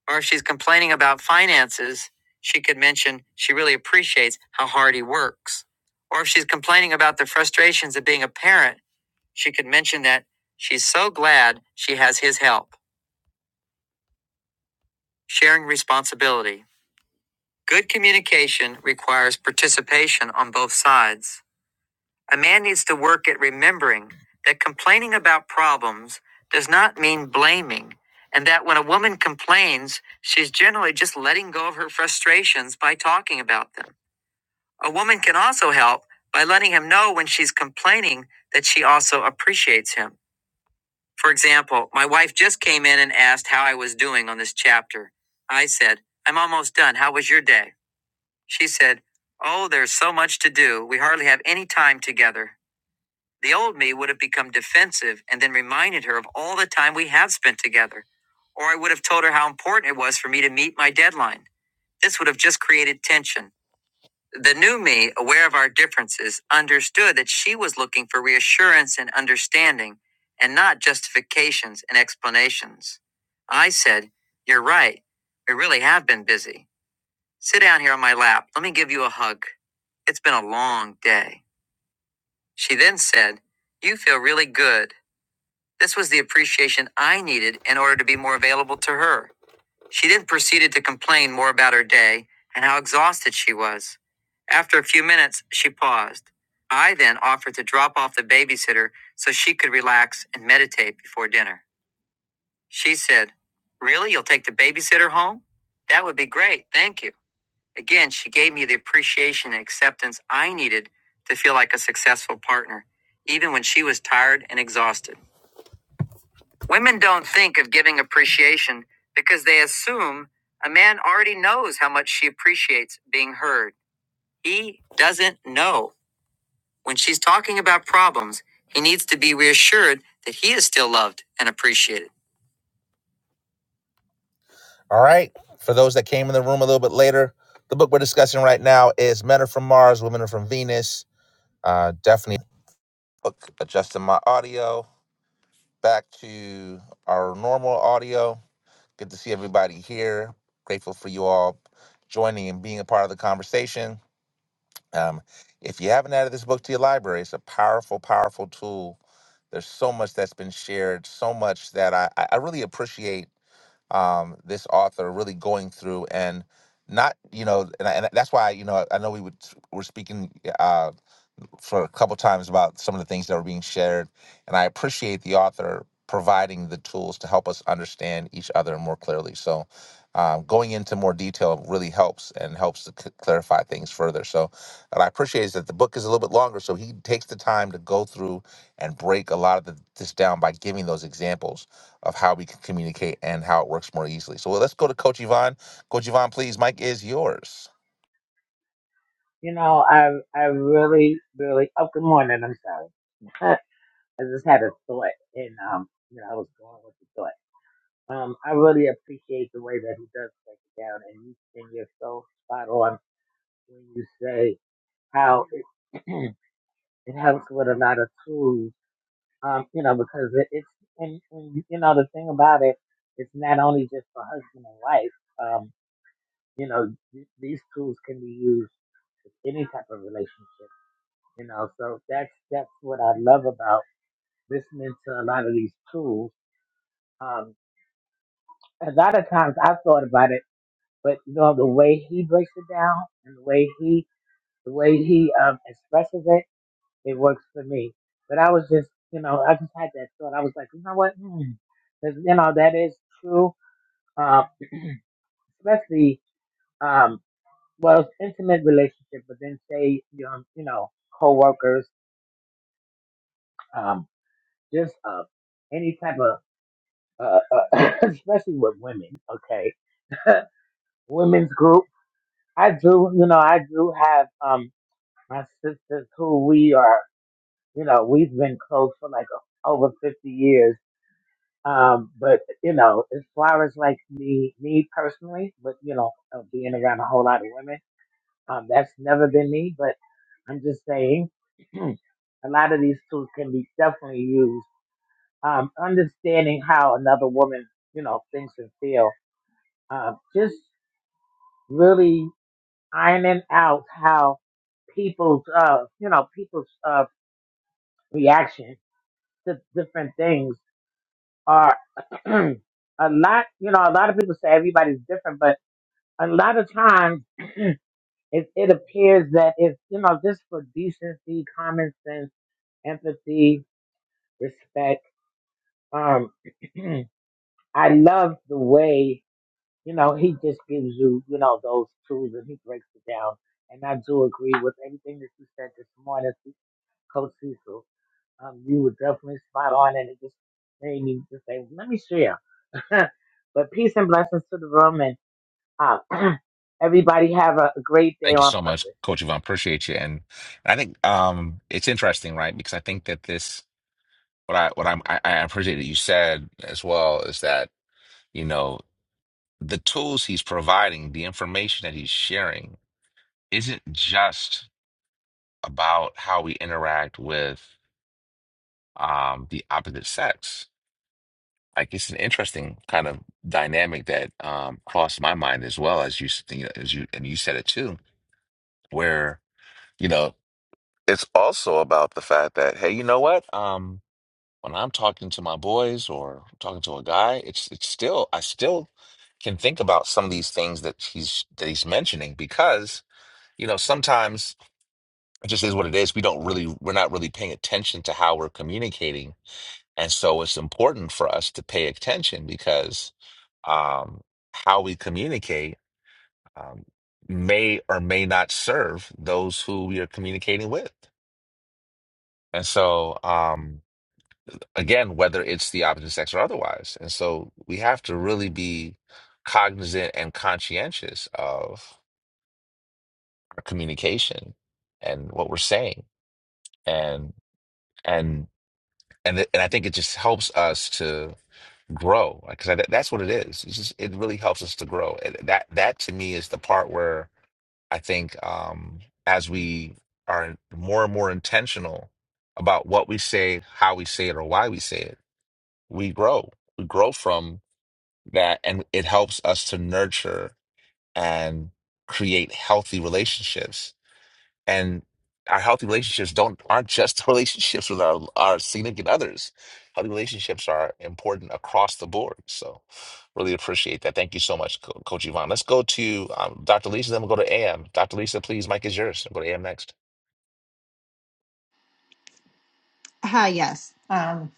Speaker 1: Or if she's complaining about finances, she could mention she really appreciates how hard he works. Or if she's complaining about the frustrations of being a parent, she could mention that she's so glad she has his help. Sharing responsibility. Good communication requires participation on both sides. A man needs to work at remembering that complaining about problems does not mean blaming, and that when a woman complains, she's generally just letting go of her frustrations by talking about them. A woman can also help by letting him know when she's complaining that she also appreciates him. For example, my wife just came in and asked how I was doing on this chapter. I said, I'm almost done. How was your day? She said, Oh, there's so much to do. We hardly have any time together. The old me would have become defensive and then reminded her of all the time we had spent together. Or I would have told her how important it was for me to meet my deadline. This would have just created tension. The new me, aware of our differences, understood that she was looking for reassurance and understanding and not justifications and explanations. I said, You're right. We really have been busy. Sit down here on my lap. Let me give you a hug. It's been a long day. She then said, You feel really good. This was the appreciation I needed in order to be more available to her. She then proceeded to complain more about her day and how exhausted she was. After a few minutes, she paused. I then offered to drop off the babysitter so she could relax and meditate before dinner. She said, Really? You'll take the babysitter home? That would be great. Thank you. Again, she gave me the appreciation and acceptance I needed to feel like a successful partner, even when she was tired and exhausted. Women don't think of giving appreciation because they assume a man already knows how much she appreciates being heard. He doesn't know. When she's talking about problems, he needs to be reassured that he is still loved and appreciated. All right. For those that came in the room a little bit later, the book we're discussing right now is Men Are From Mars, Women Are From Venus. Uh, definitely book, adjusting my audio back to our normal audio. Good to see everybody here. Grateful for you all joining and being a part of the conversation. Um, if you haven't added this book to your library, it's a powerful, powerful tool. There's so much that's been shared, so much that I, I I really appreciate um, this author really going through and not, you know, and, I, and that's why, you know, I know we would, were speaking. uh, for a couple times about some of the things that were being shared, and I appreciate the author providing the tools to help us understand each other more clearly. So, um, going into more detail really helps and helps to c- clarify things further. So, what I appreciate is that the book is a little bit longer, so he takes the time to go through and break a lot of the, this down by giving those examples of how we can communicate and how it works more easily. So, let's go to Coach Yvonne. Coach Yvonne, please, Mike is yours.
Speaker 9: You know, I I really, really. Oh, good morning. I'm sorry. I just had a thought, and um, you know, I was going with the thought. Um, I really appreciate the way that he does break it down, and you and you're so spot on when you say how it it helps with a lot of tools. Um, you know, because it, it's and, and you know the thing about it, it's not only just for husband and wife. Um, you know, th- these tools can be used in any type of relationship You know, so that's that's what I love about listening to a lot of these tools. Um, a lot of times I've thought about it, but you know the way he breaks it down and the way he the way he um, expresses it, it works for me. But I was just you know I just had that thought. I was like, you know what? Hmm. 'Cause, you know that is true, uh, especially um, well intimate relationship, but then say you know, you know coworkers, um, just uh, any type of uh, uh, especially with women. Okay, women's group. I do, you know, I do have um my sisters who we are, you know, we've been close for like over fifty years. Um, but you know, as far as like me, me personally, but you know, uh, being around a whole lot of women, um, that's never been me. But I'm just saying, a lot of these tools can be definitely used. Um, understanding how another woman, you know, thinks and feel. um, just. really ironing out how people's uh you know people's uh reaction to different things are a lot you know a lot of people say everybody's different but a lot of times it, it appears that it's you know just for decency common sense empathy respect um i love the way you know he just gives you you know those tools and he breaks it down and I do agree with everything that you said this morning, Coach Cecil. Um, you were definitely spot on, and it just made me just say, let me share. but peace and blessings to the room, and uh, everybody have a great day
Speaker 1: Thank you
Speaker 9: on
Speaker 1: so much,
Speaker 9: purpose.
Speaker 1: Coach Yvonne. Appreciate you. And I think um, it's interesting, right? Because I think that this, what I what I'm, I, I appreciate that you said as well is that you know the tools he's providing, the information that he's sharing, isn't just about how we interact with um, the opposite sex. Like it's an interesting kind of dynamic that um, crossed my mind as well as you s- you know, as you and you said it too, where you know it's also about the fact that hey, you know what? Um, When I'm talking to my boys or talking to a guy, it's it's still I still can think about some of these things that he's that he's mentioning because, you know, sometimes it just is what it is. We don't really we're not really paying attention to how we're communicating. And so it's important for us to pay attention because um how we communicate um, may or may not serve those who we are communicating with. And so, um, again, whether it's the opposite sex or otherwise. And so we have to really be cognizant and conscientious of our communication and what we're saying. And and and it- and I think it just helps us to grow because that's what it is. It's just, it really helps us to grow. And that that to me is the part where I think um, as we are more and more intentional about what we say, how we say it, or why we say it, we grow. We grow from that and it helps us to nurture and create healthy relationships and our healthy relationships don't aren't just relationships with our our significant others healthy relationships are important across the board so really appreciate that thank you so much Co- coach yvonne let's go to um, dr lisa then we'll go to am dr lisa please mike is yours we'll go to am next
Speaker 6: Ah, yes. Um,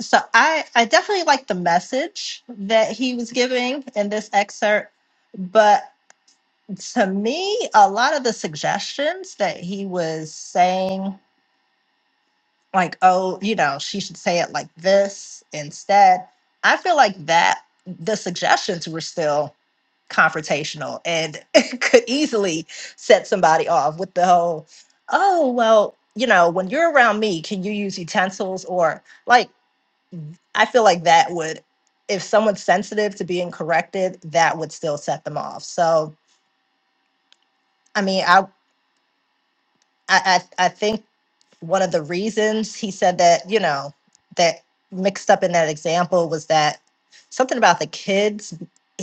Speaker 6: so I, I definitely like the message that he was giving in this excerpt, but. to me, a lot of the suggestions that he was saying, like, oh, you know, she should say it like this instead, I feel like that the suggestions were still confrontational and could easily set somebody off with the whole, oh, well, you know, when you're around me, can you use utensils? Or like, I feel like that would, if someone's sensitive to being corrected, that would still set them off. So, I mean, I, I, I I think one of the reasons he said that you know that mixed up in that example was that something about the kids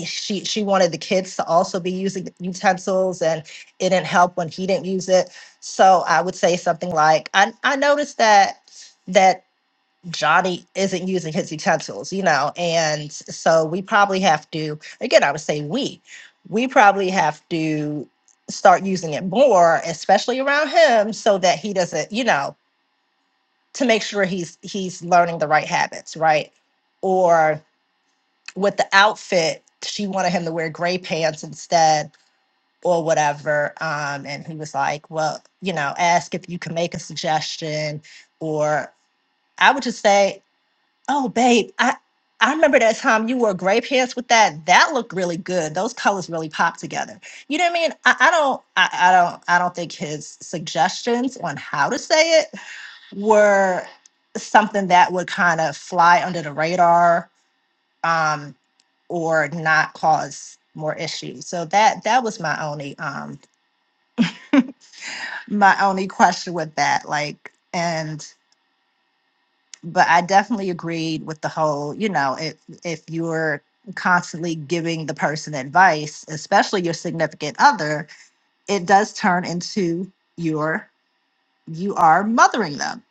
Speaker 6: she she wanted the kids to also be using utensils and it didn't help when he didn't use it so i would say something like i i noticed that that johnny isn't using his utensils you know and so we probably have to again i would say we we probably have to start using it more especially around him so that he doesn't you know to make sure he's he's learning the right habits, right? Or with the outfit, she wanted him to wear gray pants instead or whatever. Um, and he was like, Well, you know, ask if you can make a suggestion or I would just say Oh, babe, I I remember that time you wore gray pants with that. That looked really good. Those colors really popped together. You know what I mean? I, I don't I, I don't I don't think his suggestions on how to say it were something that would kind of fly under the radar um or not cause more issues. So that that was my only um my only question with that. Like and but I definitely agreed with the whole, you know, if if you're constantly giving the person advice, especially your significant other, it does turn into your you are mothering them.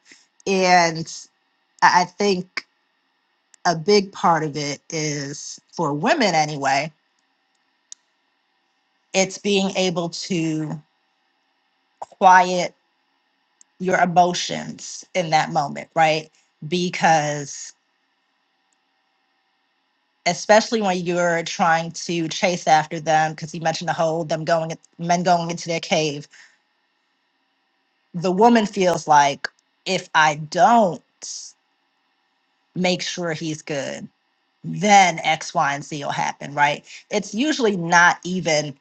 Speaker 6: And I I think a big part of it is for women anyway, it's being able to quiet your emotions in that moment, right? Because especially when you're trying to chase after them because you mentioned the whole them going men going into their cave the woman feels like if i don't make sure he's good then x y and z will happen right it's usually not even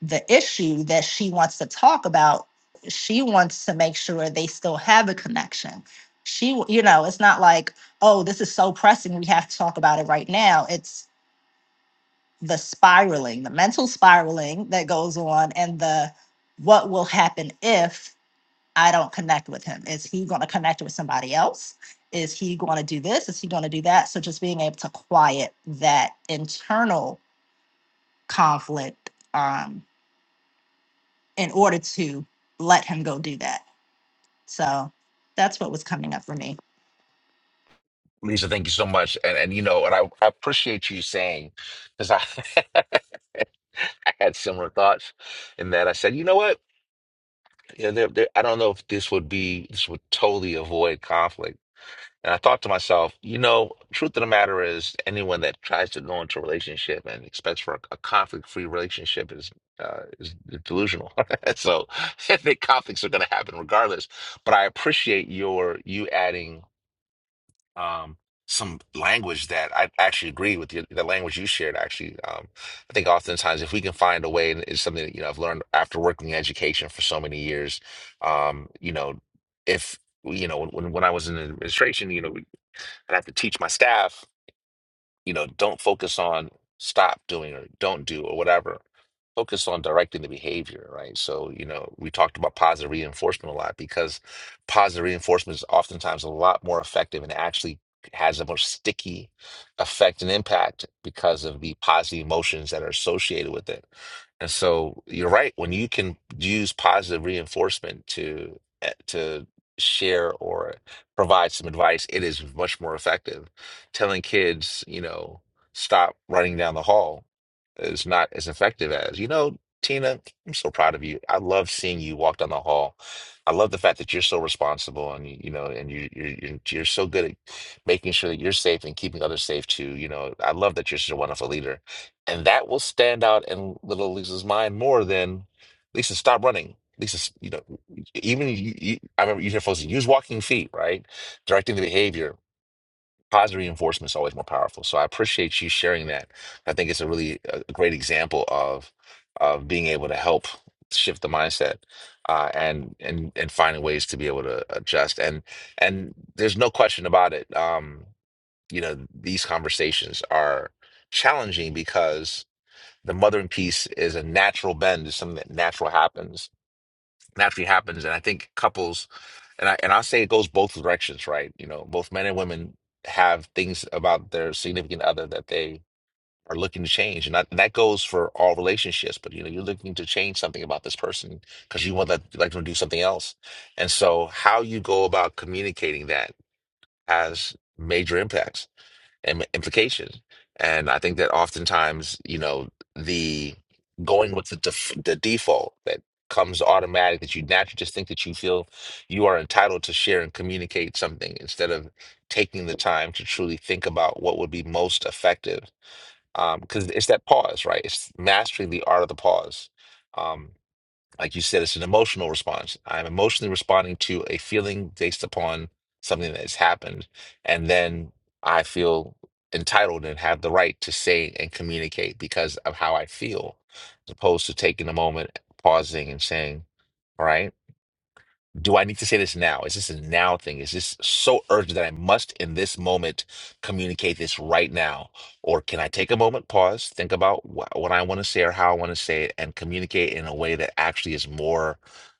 Speaker 6: the issue that she wants to talk about she wants to make sure they still have a connection she w- you know it's not like oh this is so pressing we have to talk about it right now It's. the spiraling, the mental spiraling that goes on, and the what will happen if I don't connect with him? Is he going to connect with somebody else? Is he going to do this? Is he going to do that? So just being able to quiet that internal conflict um, in order to let him go do that. So that's what was coming up for me.
Speaker 1: lisa thank you so much and and you know and i, I appreciate you saying because i I had similar thoughts in that I said, you know what? Yeah, there, there, I don't know if this would be, this would totally avoid conflict. And I thought to myself, you know, truth of the matter is, anyone that tries to go into a relationship and expects for a, a conflict-free relationship is uh, is delusional. So I think conflicts are going to happen regardless. But I appreciate your you adding um, some language that I actually agree with you, the language you shared. Actually, um, I think oftentimes if we can find a way, and it's something that you know I've learned after working in education for so many years. Um, you know, if you know when when I was in administration, you know, I'd have to teach my staff, you know, don't focus on stop doing or don't do or whatever Focus on directing the behavior, right? So, you know, we talked about positive reinforcement a lot because positive reinforcement is oftentimes a lot more effective and actually has a more sticky effect and impact because of the positive emotions that are associated with it. And so you're right, when you can use positive reinforcement to eh, to share or provide some advice, it is much more effective. Telling kids, you know, stop running down the hall is not as effective as you know tina i'm so proud of you i love seeing you walk down the hall i love the fact that you're so responsible and you know and you you're, you're you're so good at making sure that you're safe and keeping others safe too you know i love that you're such a wonderful leader and that will stand out in little lisa's mind more than lisa stop running lisa you know even you, you, i remember you hear folks use walking feet right directing the behavior positive reinforcement is always more powerful. So I appreciate you sharing that. I think it's a really a a great example of of being able to help shift the mindset uh, and and and finding ways to be able to adjust. And and there's no question about it. Um, you know, these conversations are challenging because the mothering piece is a natural bend, is something that natural happens, naturally happens. And I think couples and I and I say it goes both directions, right? You know, both men and women have things about their significant other that they are looking to change, and that, that goes for all relationships. But you know, you're looking to change something about this person because you want that like them to do something else, and so how you go about communicating that has major impacts im- implication. And I think that oftentimes, you know, the going with the def the default that comes automatic that you naturally just think that you feel you are entitled to share and communicate something instead of taking the time to truly think about what would be most effective. Um, because it's that pause, right? It's mastering the art of the pause. Um, like you said, it's an emotional response. I'm emotionally responding to a feeling based upon something that has happened. And then I feel entitled and have the right to say and communicate because of how I feel, as opposed to taking a moment, pausing, and saying, All right. Do I need to say this now? Is this a now thing? Is this so urgent that I must in this moment communicate this right now? Or can I take a moment, pause, think about wh- what I want to say or how I want to say it, and communicate in a way that actually is more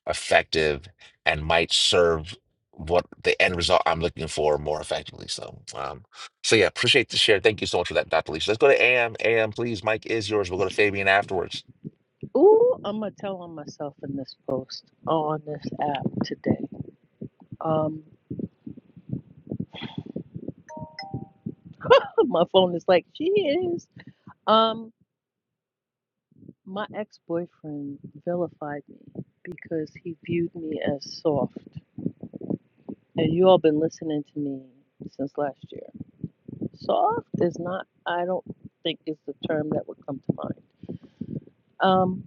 Speaker 1: effective and might serve what the end result I'm looking for more effectively? So, um, so yeah, appreciate the share. Thank you so much for that, Dr. Lisa. Let's go to AM. AM, please. Mike is yours. We'll go to Fabian afterwards.
Speaker 10: Ooh, I'm gonna tell on myself in this post on this app today. Um, my phone is like she is. Um, my ex-boyfriend vilified me because he viewed me as soft, and you all been listening to me since last year. Soft is not. I don't think is the term that would come to mind. Um,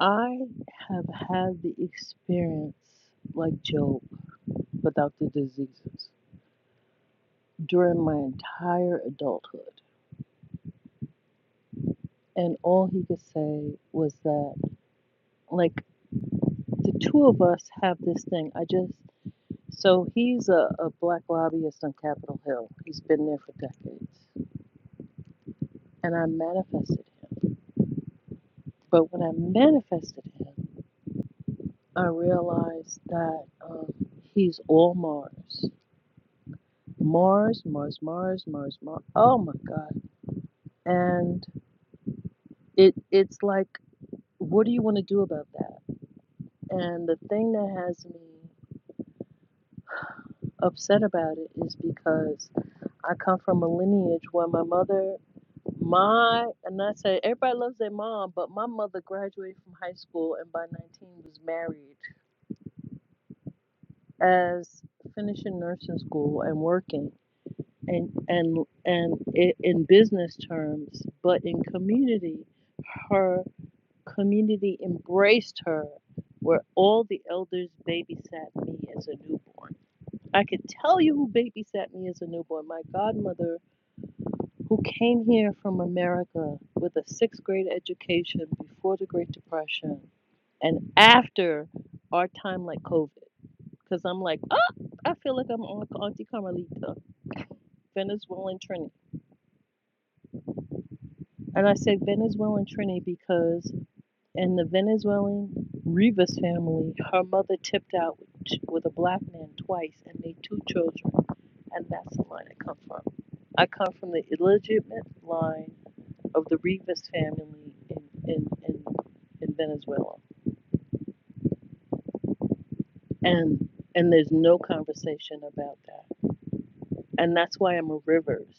Speaker 10: I have had the experience like Job without the diseases during my entire adulthood And all he could say was that, like, the two of us have this thing. I just, so he's a, a black lobbyist on Capitol Hill. He's been there for decades. And I manifested him. But when I manifested him, I realized that um, he's all Mars. Mars, Mars, Mars, Mars, Mars. Oh my God. And it it's like, what do you want to do about that? And the thing that has me upset about it is because I come from a lineage where my mother, my, and I say everybody loves their mom, but my mother graduated from high school and by 19 was married as finishing nursing school and working and and and in business terms, but in community, her community embraced her where all the elders babysat me as a newborn. I could tell you who babysat me as a newborn. My godmother who came here from America with a sixth grade education before the Great Depression and after our time like COVID. Because I'm like, oh, I feel like I'm on Auntie Carmelita, Venezuelan Trini. And I say Venezuelan Trini because in the Venezuelan Rivas family, her mother tipped out with, with a black man twice and made two children. And that's the line I come from. I come from the illegitimate line of the Rivas family in, in, in, in Venezuela. And and there's no conversation about that. And that's why I'm a Rivers,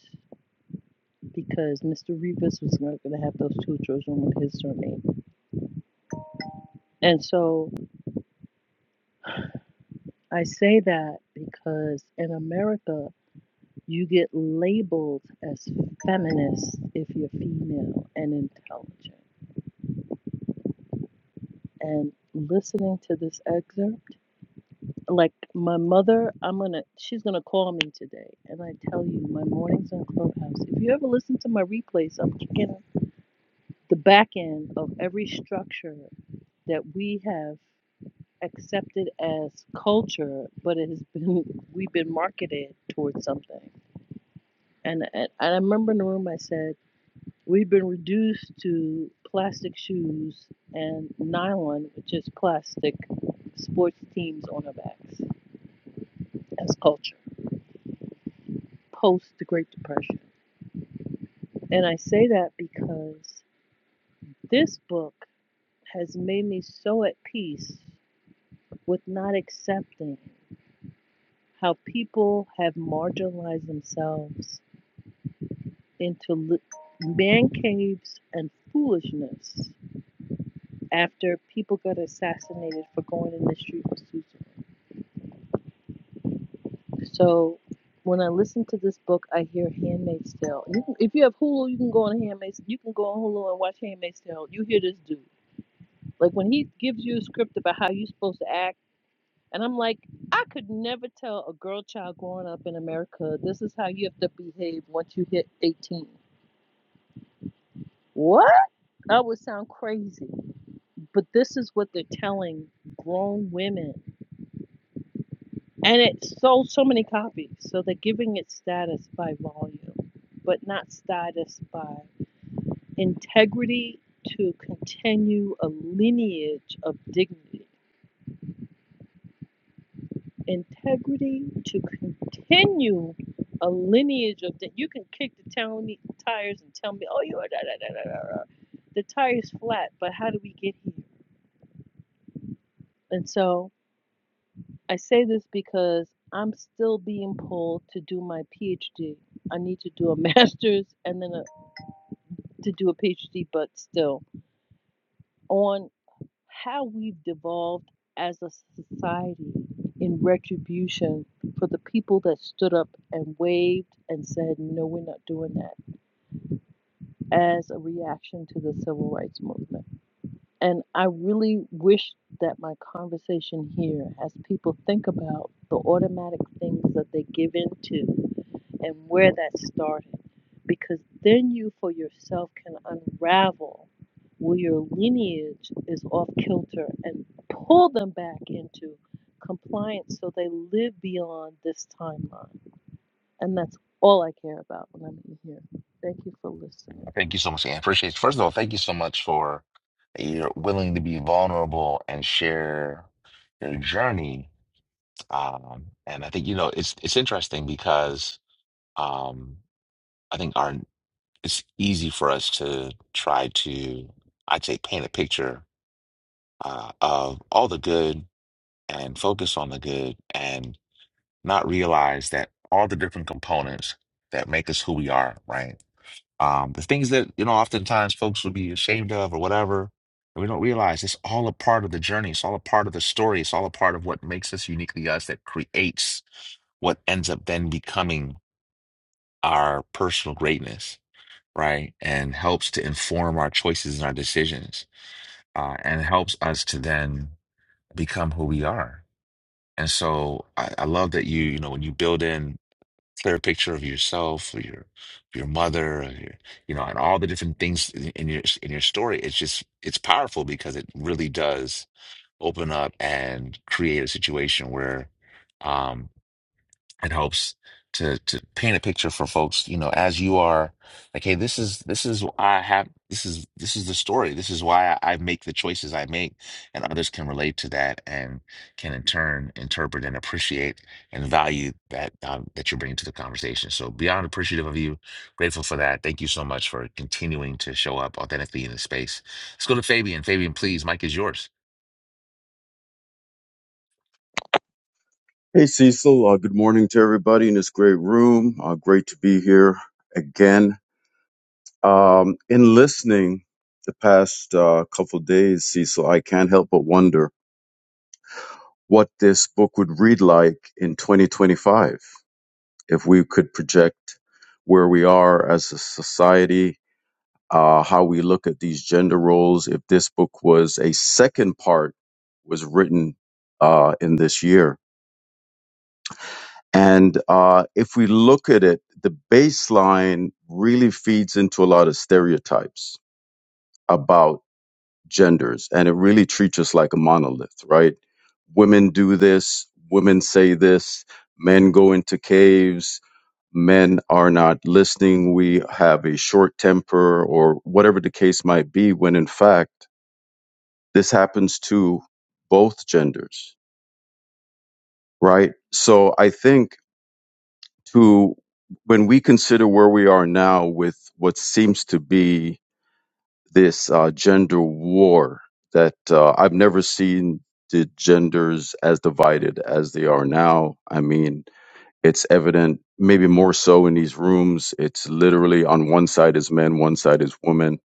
Speaker 10: because Mr. Rivas was not going to have those two children with his surname. And so I say that because in America, you get labeled as feminist if you're female and intelligent. And listening to this excerpt, Like my mother, I'm gonna she's gonna call me today, and I tell you, my mornings on Clubhouse. If you ever listen to my replays, I'm kicking the back end of every structure that we have accepted as culture, but it has been we've been marketed towards something. And and, and I remember in the room I said we've been reduced to plastic shoes and nylon, which is plastic sports teams on our backs as culture post the Great Depression. And I say that because this book has made me so at peace with not accepting how people have marginalized themselves into man caves and foolishness after people got assassinated for going in the street with Susan. So when I listen to this book, I hear Handmaid's Tale. You can, if you have Hulu, you can go on Handmaid's. You can go on Hulu and watch Handmaid's Tale. You hear this dude like when he gives you a script about how you're supposed to act And I'm like, I could never tell a girl child growing up in America, this is how you have to behave once you hit 18. What? That would sound crazy. But this is what they're telling grown women. And it sold so many copies. So they're giving it status by volume, but not status by integrity to continue a lineage of dignity. integrity to continue a lineage of that. You can kick the tell tires and tell me, oh, you are da da da da da. da." The tire's flat, but how do we get here? And so I say this because I'm still being pulled to do my PhD. I need to do a master's and then a, to do a PhD, but still on. how we've devolved as a society in retribution for the people that stood up and waved and said, no, we're not doing that, as a reaction to the civil rights movement. And I really wish that my conversation here, as people think about the automatic things that they give into and where that started because then you for yourself can unravel where your lineage is off kilter and pull them back into compliance so they live beyond this timeline. And that's all I care about when I'm in here. Thank you for listening.
Speaker 1: Thank you so much, AM. Appreciate it. First of all, thank you so much for. you're willing to be vulnerable and share your journey. Um, and I think, you know, it's it's interesting because um, I think our it's easy for us to try to, I'd say, paint a picture uh, of all the good and focus on the good and not realize that all the different components that make us who we are, right? Um, the things that, you know, oftentimes folks would be ashamed of or whatever, and we don't realize it's all a part of the journey. It's all a part of the story. It's all a part of what makes us uniquely us that creates what ends up then becoming our personal greatness, right? And helps to inform our choices and our decisions, uh, and helps us to then become who we are. And so I, I love that you, you know, when you build in clear picture of yourself, or your your mother, or your, you know, and all the different things in in your in your story. It's just it's powerful because it really does open up and create a situation where. um it helps to to paint a picture for folks you know as you are like hey this is this is i have this is this is the story this is why i, I make the choices i make and others can relate to that and can in turn interpret and appreciate and value that um, that you're bringing to the conversation so beyond appreciative of you grateful for that thank you so much for continuing to show up authentically in the space let's go to fabian fabian please mike is yours
Speaker 11: Hey Cecil, uh, good morning to everybody in this great room. Uh, great to be here again. Um, in listening the past uh, couple of days, Cecil, I can't help but wonder what this book would read like in 2025 if we could project where we are as a society, uh, how we look at these gender roles. If this book was a second part was written uh, in this year, And uh, if we look at it, the baseline really feeds into a lot of stereotypes about genders, and it really treats us like a monolith, right? Women do this, women say this, men go into caves, men are not listening, we have a short temper, or whatever the case might be, when in fact, this happens to both genders, right? So I think to when we consider where we are now with what seems to be this uh, gender war that uh, I've never seen the genders as divided as they are now. I mean, it's evident, maybe more so in these rooms. It's literally on one side is men, one side is women.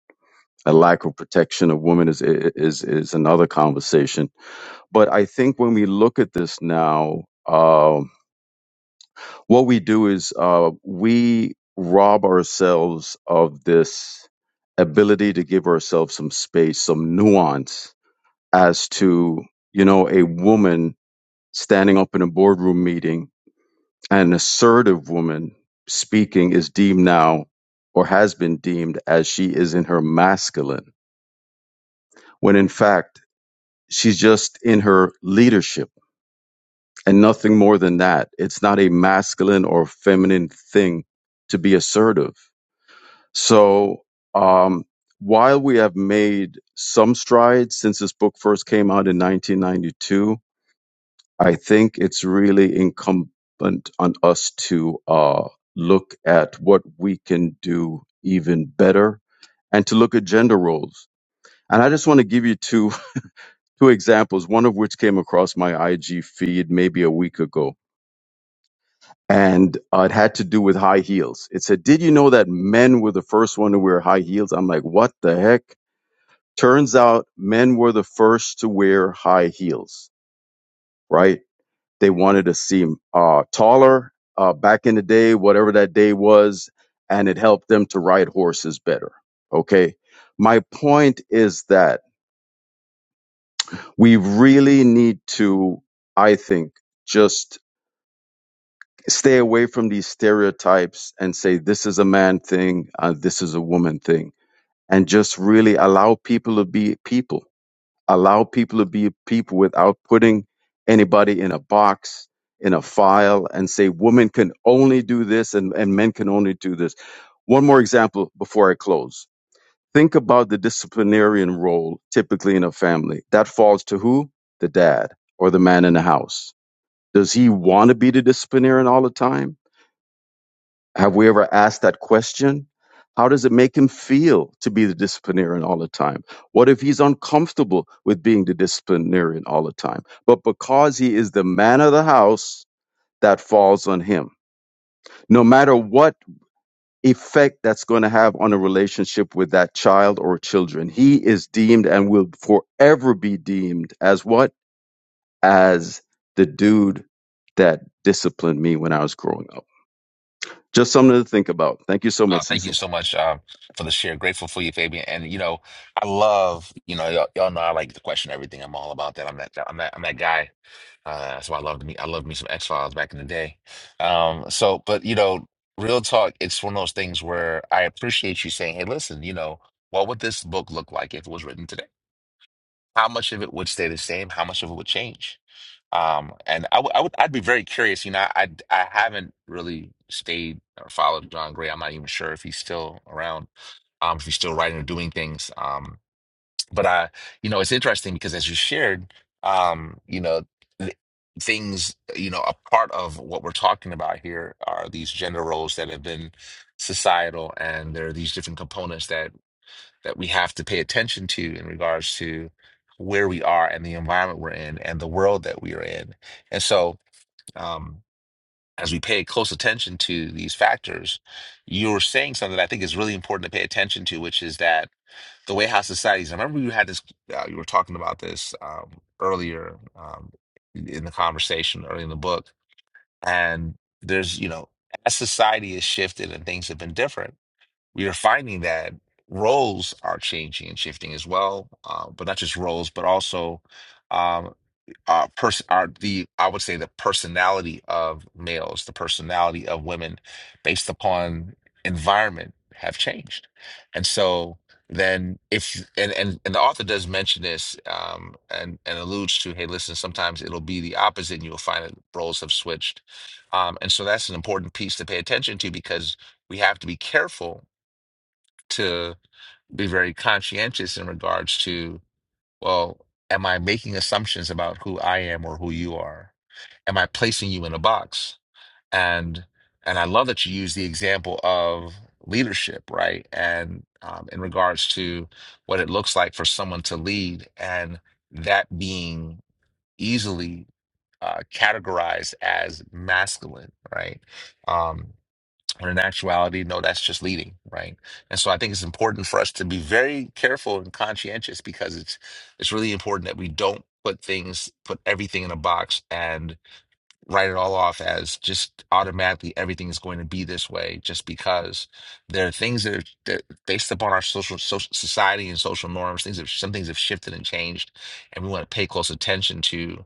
Speaker 11: A lack of protection of women is is is another conversation. But I think when we look at this now, um, what we do is uh, we rob ourselves of this ability to give ourselves some space, some nuance as to, you know, a woman standing up in a boardroom meeting, an assertive woman speaking is deemed now or has been deemed as she is in her masculine, when in fact, she's just in her leadership and nothing more than that. It's not a masculine or feminine thing to be assertive So, um, while we have made some strides since this book first came out in 1992, I think it's really incumbent on us to uh, look at what we can do even better and to look at gender roles. And I just want to give you two two examples, one of which came across my IG feed maybe a week ago. And uh, it had to do with high heels. It said, Did you know that men were the first one to wear high heels? I'm like, What the heck? Turns out men were the first to wear high heels, right? They wanted to seem uh, taller uh, back in the day, whatever that day was, and it helped them to ride horses better. Okay. My point is that we really need to, I think, just stay away from these stereotypes and say this is a man thing, uh, this is a woman thing, and just really allow people to be people allow people to be people without putting anybody in a box in a file and say women can only do this and, and men can only do this one more example before i close think about the disciplinarian role typically in a family that falls to who the dad or the man in the house does he want to be the disciplinarian all the time have we ever asked that question? How does it make him feel to be the disciplinarian all the time? What if he's uncomfortable with being the disciplinarian all the time? But because he is the man of the house, that falls on him. No matter what effect that's going to have on a relationship with that child or children, he is deemed and will forever be deemed as what? As the dude that disciplined me when I was growing up. Just something to think about. Thank you so much,
Speaker 1: Uh, thank you
Speaker 11: Cecil.
Speaker 1: so much um, for the share. Grateful for you, Fabian. And you know, I love you know y'all, y'all know I like to question everything. I'm all about that. I'm that I'm that I'm that guy. Uh, that's why I loved me. I loved me some X Files back in the day. Um, so, but you know, real talk. It's one of those things where I appreciate you saying, "Hey, listen, you know, what would this book look like if it was written today? How much of it would stay the same? How much of it would change?" Um, and I would I would I'd be very curious. You know, I I haven't really stayed or followed John Gray. I'm not even sure if he's still around um, if you're still writing or doing things. Um, but I, you know, it's interesting because as you shared, um, you know, th- things, you know, a part of what we're talking about here are these gender roles that have been societal, and there are these different components that that we have to pay attention to in regards to where we are and the environment we're in and the world that we are in. And so, um, as we pay close attention to these factors, you're saying something that I think is really important to pay attention to, which is that the way how societies. I remember you had this. Uh, you were talking about this um, earlier um, in the conversation, early in the book, and there's you know as society has shifted and things have been different, we are finding that roles are changing and shifting as well, uh, but not just roles, but also. um, uh person are the I would say the personality of males, the personality of women based upon environment have changed. And so then if and and, and the author does mention this um and and alludes to hey listen sometimes it'll be the opposite and you'll find that roles have switched um and so that's an important piece to pay attention to because we have to be careful to be very conscientious in regards to well am i making assumptions about who i am or who you are am I placing you in a box? And and I love that you use the example of leadership, right? And um, in regards to what it looks like for someone to lead, and that being easily uh, categorized as masculine, right? Um, when in actuality, no, that's just leading, right? And so I think it's important for us to be very careful and conscientious because it's it's really important that we don't put things, put everything in a box, and write it all off as just automatically everything is going to be this way just because there are things that are that based upon our social, social society and social norms things have some things have shifted and changed and we want to pay close attention to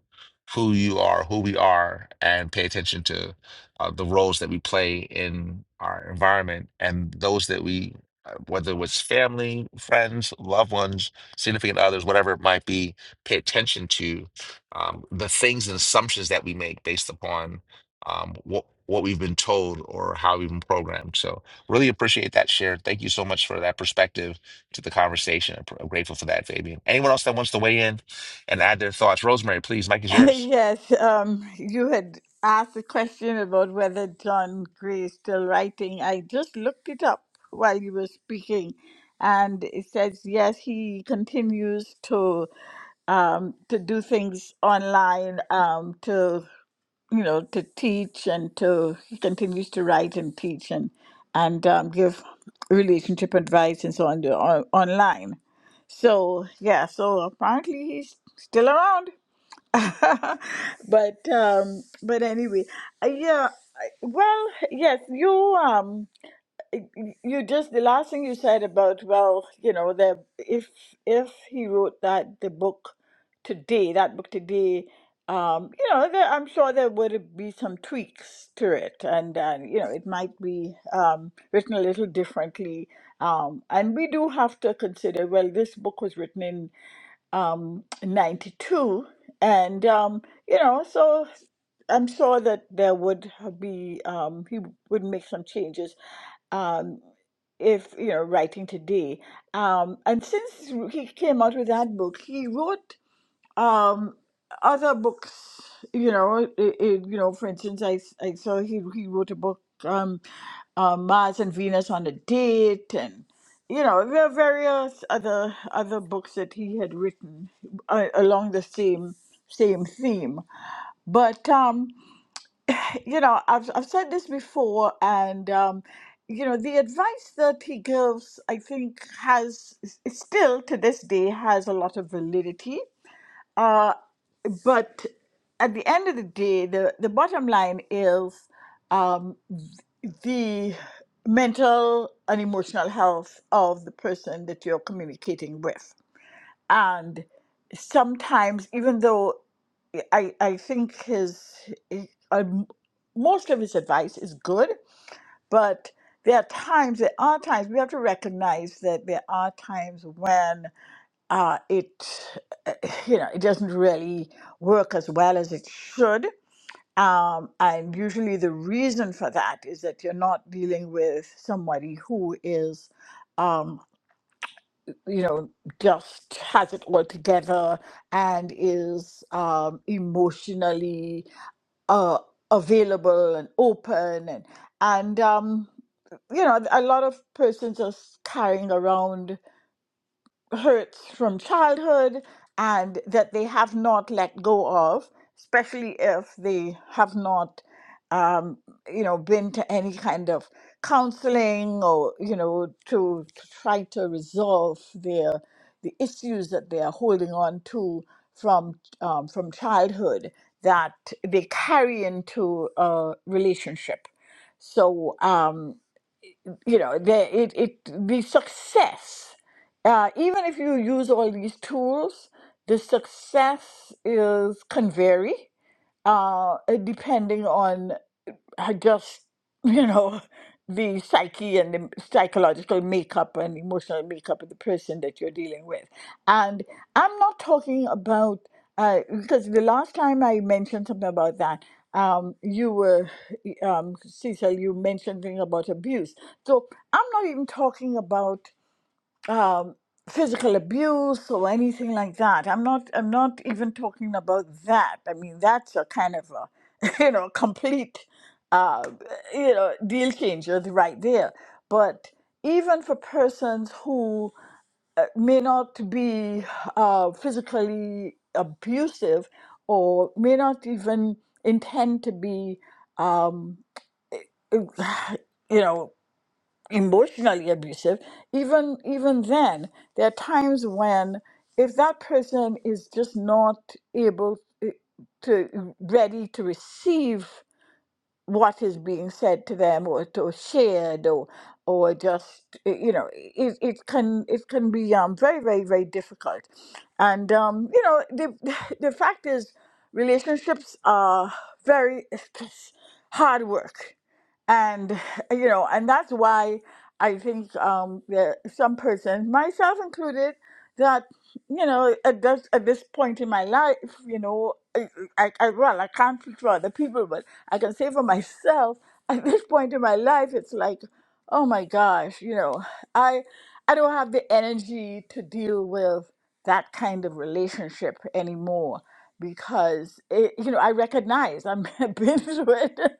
Speaker 1: who you are who we are and pay attention to uh, the roles that we play in our environment and those that we uh, whether it was family friends loved ones significant others whatever it might be pay attention to um, the things and assumptions that we make based upon um, what what we've been told or how we've been programmed. So really appreciate that share. Thank you so much for that perspective to the conversation. I'm pr- I'm grateful for that, Fabian. Anyone else that wants to weigh in and add their thoughts, Rosemary, please. Mike is yours.
Speaker 7: Yes, um, you had asked a question about whether John Gray is still writing. I just looked it up while you were speaking, and it says yes, he continues to um, to do things online, um, to you know, to teach and to he continues to write and teach and and um, give relationship advice and so on, on online. So yeah, so apparently he's still around. but um but anyway uh, yeah I- well yes you um y- you just the last thing you said about well you know the if if he wrote that the book today that book today um you know there, i'm sure there would be some tweaks to it and and you know it might be um written a little differently um and we do have to consider well this book was written in um, in 92. And, um, you know, so I'm sure that there would be, um, he would make some changes um, if, you know, writing today. Um, and since he came out with that book, he wrote um other books you know it, it, you know for instance i s- i saw he he wrote a book um uh, mars and venus on a date and you know there are various other other books that he had written uh, along the same same theme but um you know i've i've said this before and um you know the advice that he gives i think has s- still to this day has a lot of validity Uh, but at the end of the day, the, the bottom line is um, the mental and emotional health of the person that you're communicating with. And sometimes, even though I, I think his, um, most of his advice is good, but there are times, there are times, we have to recognize that there are times when uh, it uh, you know it doesn't really work as well as it should um, and usually the reason for that is that you're not dealing with somebody who is um, you know just has it all together and is um, emotionally uh, available and open and and um, you know a lot of persons are carrying around hurts from childhood and that they have not let go of, especially if they have not, um, you know, been to any kind of counseling or, you know, to, to try to resolve their the issues that they are holding on to from um, from childhood that they carry into a relationship. So. Um, you know the it, it the success uh, even if you use all these tools the success is can vary uh, uh, depending on I just, you know, the psyche and the psychological makeup and emotional makeup of the person that you're dealing with. And I'm not talking about, uh, because the last time I mentioned something about that, um, you were, um, Cecil, you mentioned something about abuse. So I'm not even talking about um, physical abuse or anything like that. I'm not. I'm not even talking about that. I mean, that's a kind of a, you know, complete, uh, you know, deal changer right there. But even for persons who uh, may not be uh, physically abusive or may not even intend to be, um, you know emotionally abusive even even then there are times when if that person is just not able eh, to ready to receive what is being said to them or, or shared or or just uh, you know it, it can it can be um, very very very difficult and um, you know the the fact is relationships are very hard work and you know and that's why i think um, there some persons myself included that you know, at this, at this point in my life, you know, I, I, I well, I can't speak for other people, but I can say for myself, at this point in my life, it's like, oh my gosh, you know, I, I don't have the energy to deal with that kind of relationship anymore because it, you know, I recognize I'm, I've been through it.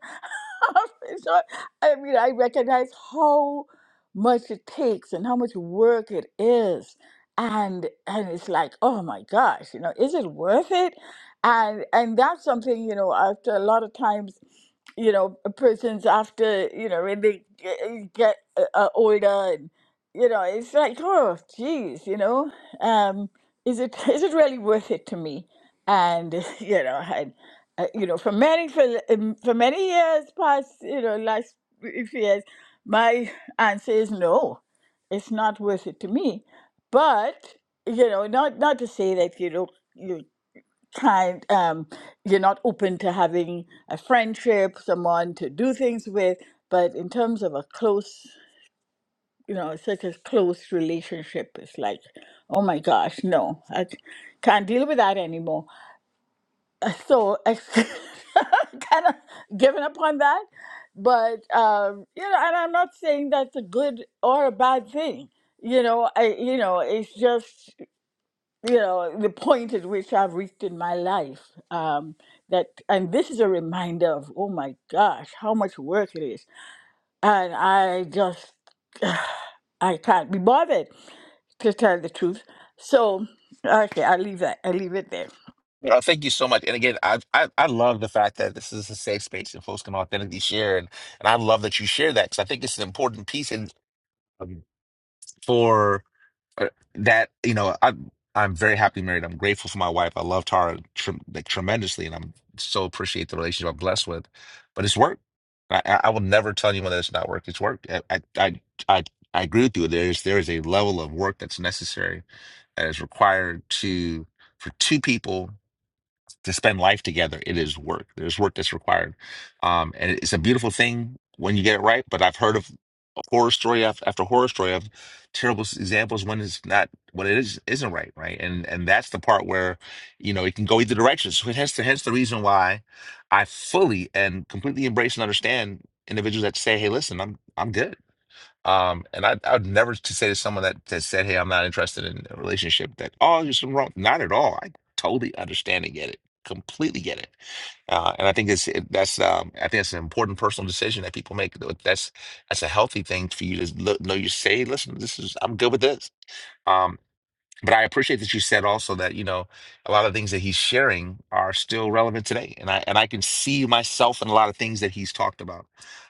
Speaker 7: so I mean, I recognize how much it takes and how much work it is, and and it's like, oh my gosh, you know, is it worth it? And and that's something you know. After a lot of times, you know, a person's after you know when they g- uh, get uh, uh, older, and you know, it's like, oh, geez, you know, um, is it is it really worth it to me? And you know, and uh, you know, for many for um, for many years past, you know, last few years, my answer is no, it's not worth it to me. But you know, not not to say that you know you can't, um, you're not open to having a friendship, someone to do things with. But in terms of a close, you know, such a close relationship, it's like, oh my gosh, no, I c- can't deal with that anymore so kind of giving up on that but um you know and i'm not saying that's a good or a bad thing you know i you know it's just you know the point at which i've reached in my life um that and this is a reminder of oh my gosh how much work it is and i just i can't be bothered to tell the truth so okay i leave that i leave it there
Speaker 1: Uh, thank you so much. And again, I, I I love the fact that this is a safe space and folks can authentically share. And, and I love that you share that because I think it's an important piece in, um, for uh, that you know i'm i'm very happily married i'm grateful for my wife i love tara trem like, tremendously and i'm so appreciate the relationship i'm blessed with but it's work i i I will never tell anyone that it's not work it's work i i i, I I agree with you. There's there is a level of work that's necessary that is required to for two people to spend life together, it is work. There's work that's required. Um, and it's a beautiful thing when you get it right. But I've heard of horror story af- after horror story of terrible s- examples when it's not when it is isn't right, right? And and that's the part where you know it can go either direction. So hence the hence the reason why I fully and completely embrace and understand individuals that say, "Hey, listen, I'm I'm good. Um, and I, I would never to say to someone that, that said, "Hey, I'm not interested in a relationship," that oh, you're something wrong. Not at all. I totally understand and get it. Completely get it. Uh, and I think it's it, that's um, I think it's an important personal decision that people make. Th- That's that's a healthy thing for you to look, know. You say, "Listen, this is I'm good with this." Um. But I appreciate that you said also that, you know, a lot of things that he's sharing are still relevant today. And I and I can see myself in a lot of things that he's talked about.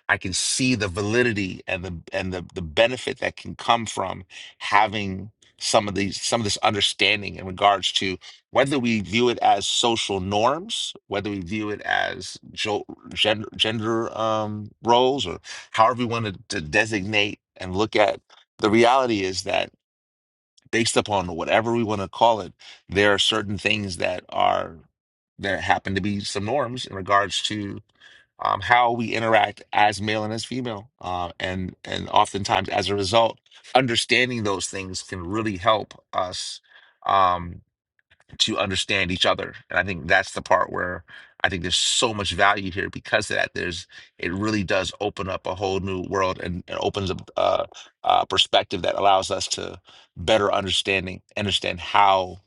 Speaker 1: I can see the validity and the and the the benefit that can come from having some of these some of this understanding in regards to whether we view it as social norms, whether we view it as jo- gender gender um, roles, or however we want to, to designate and look at. The reality is that based upon whatever we want to call it, there are certain things that are that happen to be some norms in regards to um, how we interact as male and as female, uh, and and oftentimes as a result, understanding those things can really help us. Um, to understand each other. And I think that's the part where I think there's so much value here because of that. There's it really does open up a whole new world and, and opens up uh, uh, perspective that allows us to better understanding understand how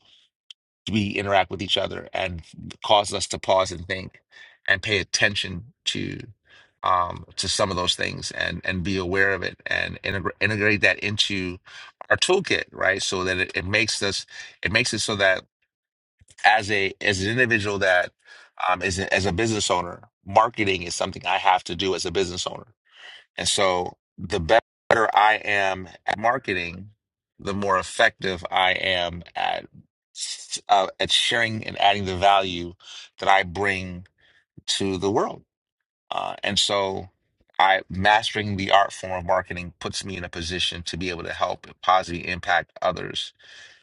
Speaker 1: we interact with each other and causes us to pause and think and pay attention to um, to some of those things and and be aware of it and integra- integrate that into our toolkit, right? So that it, it makes us it makes it so that as a as an individual that um is a, as a business owner, marketing is something I have to do as a business owner. And so the better I am at marketing, the more effective I am at uh, at sharing and adding the value that I bring to the world. Uh, and so I mastering the art form of marketing puts me in a position to be able to help and positively impact others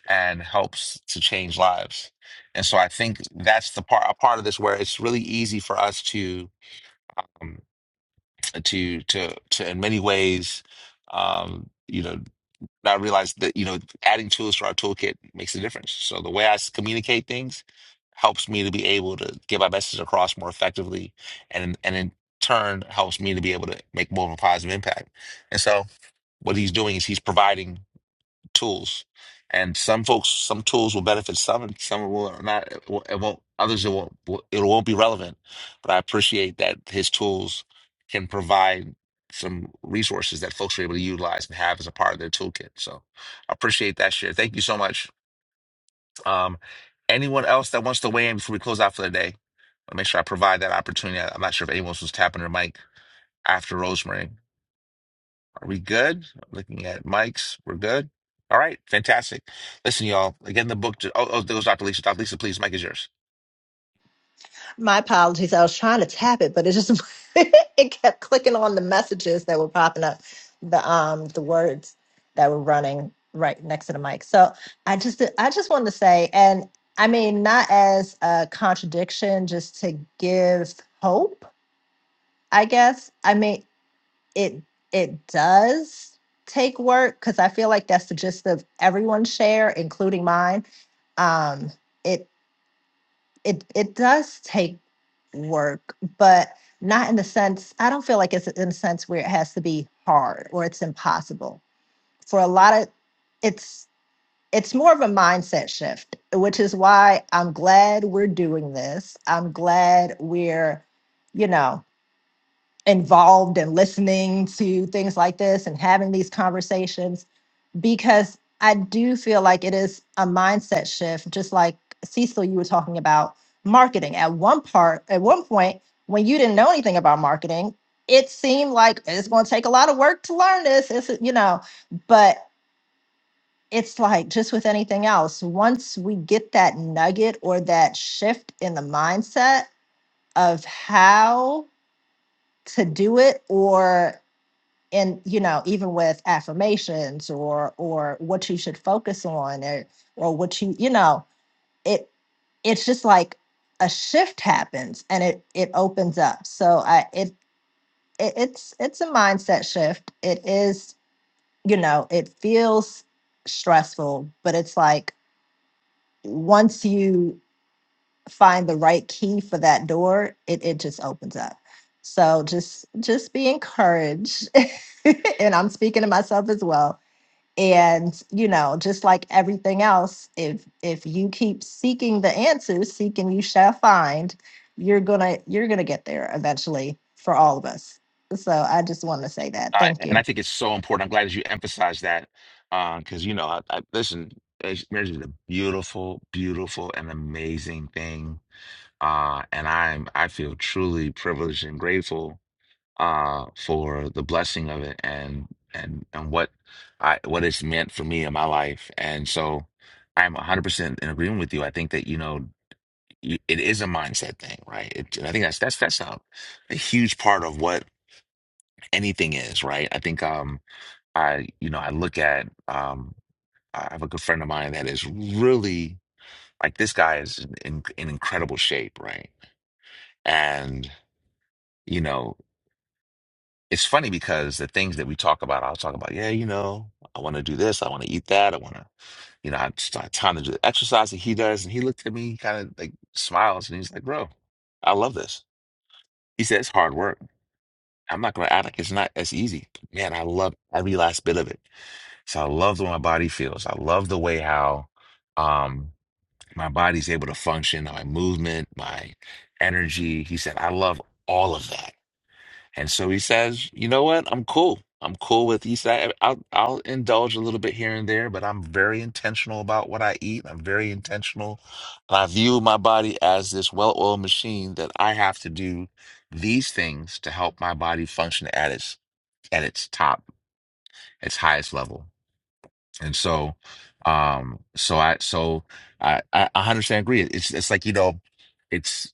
Speaker 1: and helps to change lives. And so I think that's the part a part of this where it's really easy for us to um, to to to in many ways um, you know not realize that you know adding tools to our toolkit makes a difference. So the way I s- communicate things helps me to be able to get my message across more effectively and and in turn helps me to be able to make more of a positive impact. And so what he's doing is he's providing tools. And some folks, some tools will benefit some, and some will not. It won't. it won't- Others it won't. It won't be relevant. But I appreciate that his tools can provide some resources that folks are able to utilize and have as a part of their toolkit. So I appreciate that share. Thank you so much. Um, anyone else that wants to weigh in before we close out for the day? I'll make sure I provide that opportunity. I'm not sure if anyone else was tapping their mic after Rosemary. Are we good? Looking at mics, we're good. All right, fantastic. Listen, y'all. Again, the book. Oh, oh, there goes Dr. Lisa. Dr. Lisa, please, mic is yours.
Speaker 6: My apologies. I was trying to tap it, but it just it kept clicking on the messages that were popping up, the um the words that were running right next to the mic. So I just I just wanted to say, and I mean not as a contradiction, just to give hope, I guess. I mean it it does take work because I feel like that's the gist of everyone's share, including mine. Um, it it it does take work, but not in the sense I don't feel like it's in a sense where it has to be hard or it's impossible. For a lot of it's it's more of a mindset shift, which is why I'm glad we're doing this. I'm glad we're, you know, involved and listening to things like this and having these conversations because I do feel like it is a mindset shift, just like Cecil, you were talking about marketing. At one part, at one point, when you didn't know anything about marketing, it seemed like it's going to take a lot of work to learn this. It's you know, but it's like just with anything else. Once we get that nugget or that shift in the mindset of how to do it, or and you know even with affirmations or or what you should focus on or or what you you know it it's just like a shift happens and it it opens up so i it, it it's it's a mindset shift it is you know it feels stressful but it's like once you find the right key for that door it it just opens up so just just be encouraged and i'm speaking to myself as well and you know just like everything else if if you keep seeking the answers seeking you shall find you're gonna you're gonna get there eventually for all of us so i just want to say that
Speaker 1: All right,
Speaker 6: thank
Speaker 1: and
Speaker 6: you
Speaker 1: I think it's so important. I'm glad that you emphasized that because you know, I, I listen. it's- Marriage is a beautiful, beautiful, and amazing thing, uh, and I'm I feel truly privileged and grateful uh, for the blessing of it and and what I what it's meant for me in my life. And so, I'm 100% in agreement with you. I think that you know. you- it is a mindset thing, right? It, and I think that's that's that's a, a huge part of what anything is, right? I think um I you know I look at um I have a good friend of mine that is really like this guy is in in in incredible shape, right? And you know it's funny because the things that we talk about, I'll talk about, yeah, you know, I want to do this, I want to eat that, I want to, you know, I just I have time to do the exercise that he does, and he looked at me, kind of like smiles, and he's like, bro, I love this. He said it's hard work I'm not gonna act like it's not as easy. Man, I love every last bit of it. So I love the way my body feels. I love the way how um my body's able to function, my movement, my energy. He said, I love all of that. And so he says, you know what? I'm cool. I'm cool with he said I'll I'll indulge a little bit here and there, but I'm very intentional about what I eat. I'm very intentional. And I view my body as this well-oiled machine that I have to do these things to help my body function at its at its top, its highest level. And so, um, so I, so I, I 100% agree. It's, it's like, you know, it's,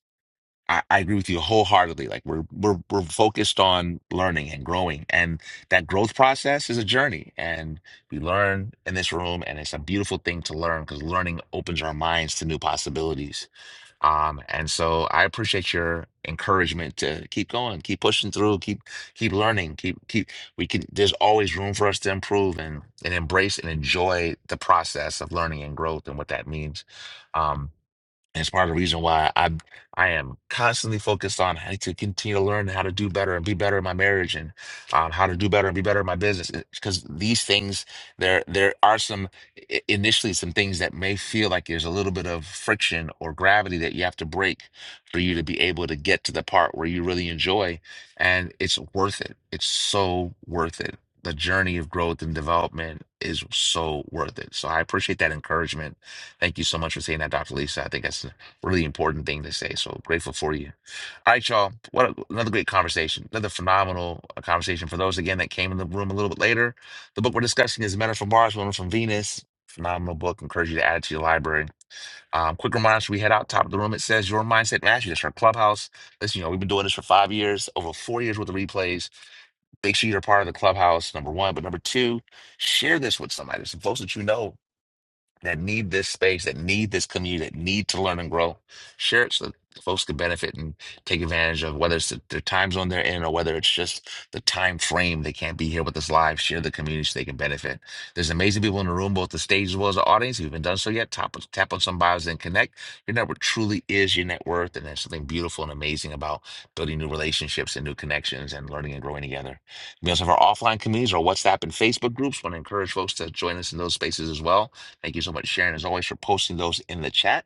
Speaker 1: I, I agree with you wholeheartedly. Like we're, we're, we're focused on learning and growing and that growth process is a journey and we learn in this room and it's a beautiful thing to learn because learning opens our minds to new possibilities um, and so I appreciate your encouragement to keep going, keep pushing through, keep keep learning, keep keep we can there's always room for us to improve and and embrace and enjoy the process of learning and growth and what that means. Um, and it's part of the reason why I I am constantly focused on how to continue to learn how to do better and be better in my marriage and um, how to do better and be better in my business. Because these things, there there are some i- initially some things that may feel like there's a little bit of friction or gravity that you have to break for you to be able to get to the part where you really enjoy, and it's worth it. It's so worth it. The journey of growth and development is so worth it. So I appreciate that encouragement. Thank you so much for saying that, Dr. Lisa. I think that's really important thing to say. So grateful for you. All right, y'all. What another conversation. Another phenomenal uh, conversation. For those again that came in the room a little bit later, the book we're discussing is Men Are from Mars, Women Are from Venus. Phenomenal book. Encourage you to add it to your library. Um, quick reminder: as we head out top of the room. It says Your Mindset Mastery. That's our clubhouse. Listen, you know we've been doing this for five years, over four years worth of replays. Make sure you're a part of the clubhouse. Number one, but number two, share this with somebody. Some folks that you know that need this space, that need this community, that need to learn and grow. Share it so that folks can benefit and take advantage of whether it's the, the time zone they're in or whether it's just the time frame they can't be here with us live. Share the community so they can benefit. There's amazing people in the room, both the stage as well as the audience. If you haven't done so yet, tap, tap on some bios and connect. Your network truly is your net worth, and there's something beautiful and amazing about building new relationships and new connections and learning and growing together. We also have our offline communities, our WhatsApp and Facebook groups. Want to encourage folks to join us in those spaces as well Thank you so much, Sharon, as always, for posting those in the chat.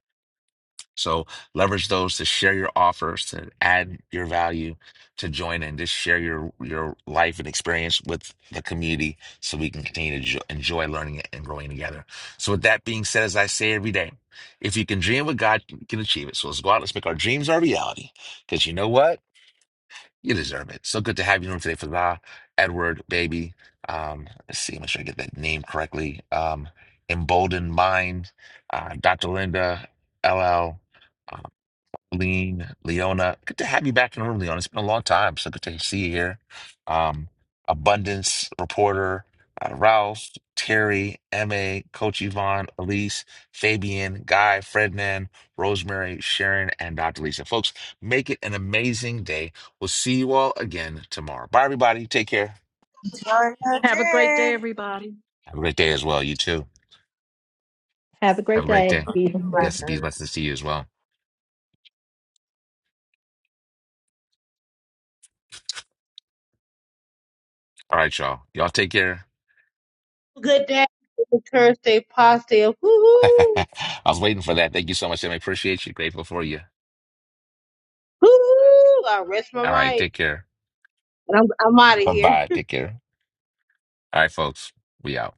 Speaker 1: So leverage those to share your offers, to add your value, to join and just share your your life and experience with the community, so we can continue to jo- enjoy learning and growing together. So with that being said, as I say every day, if you can dream what God you can achieve it. So let's go out, let's make our dreams our reality. Because you know what? You deserve it. So good to have you on the room today, Fazah, Edward, baby. Um, let's see, make sure I get that name correctly. Um, Emboldened Mind, uh, Dr. Linda, LL. Lean, Leona. Good to have you back in the room, Leona. It's been a long time, so good to see you here. Um, Abundance reporter, uh, Ralph, Terry, MA, Coach Yvonne, Elise, Fabian, Guy, Fredman, Rosemary, Sharon, and Dr. Lisa. Folks, make it an amazing day. We'll see you all again tomorrow. Bye, everybody. Take care.
Speaker 7: Enjoy your
Speaker 3: Have a great day,
Speaker 7: day.
Speaker 3: everybody.
Speaker 1: Have a great day as well. You too.
Speaker 6: have a
Speaker 1: Have
Speaker 6: great
Speaker 1: a great
Speaker 6: day
Speaker 1: day.
Speaker 9: Peace and
Speaker 6: Mhm.
Speaker 1: Yes, and peace.
Speaker 9: blessings.
Speaker 1: Blessings to you as well. All right, y'all. Y'all take care.
Speaker 2: Good day. Thursday, positive. Hoo hoo.
Speaker 1: I was waiting for that. Thank you so much, Emma. Appreciate you. Grateful for you.
Speaker 2: Hoo hoo. I rest my
Speaker 1: All right.
Speaker 2: mic.
Speaker 1: Take care.
Speaker 2: And I'm, I'm out of
Speaker 1: Uh-huh.
Speaker 2: here.
Speaker 1: Bye. Take care. All right, folks. We out.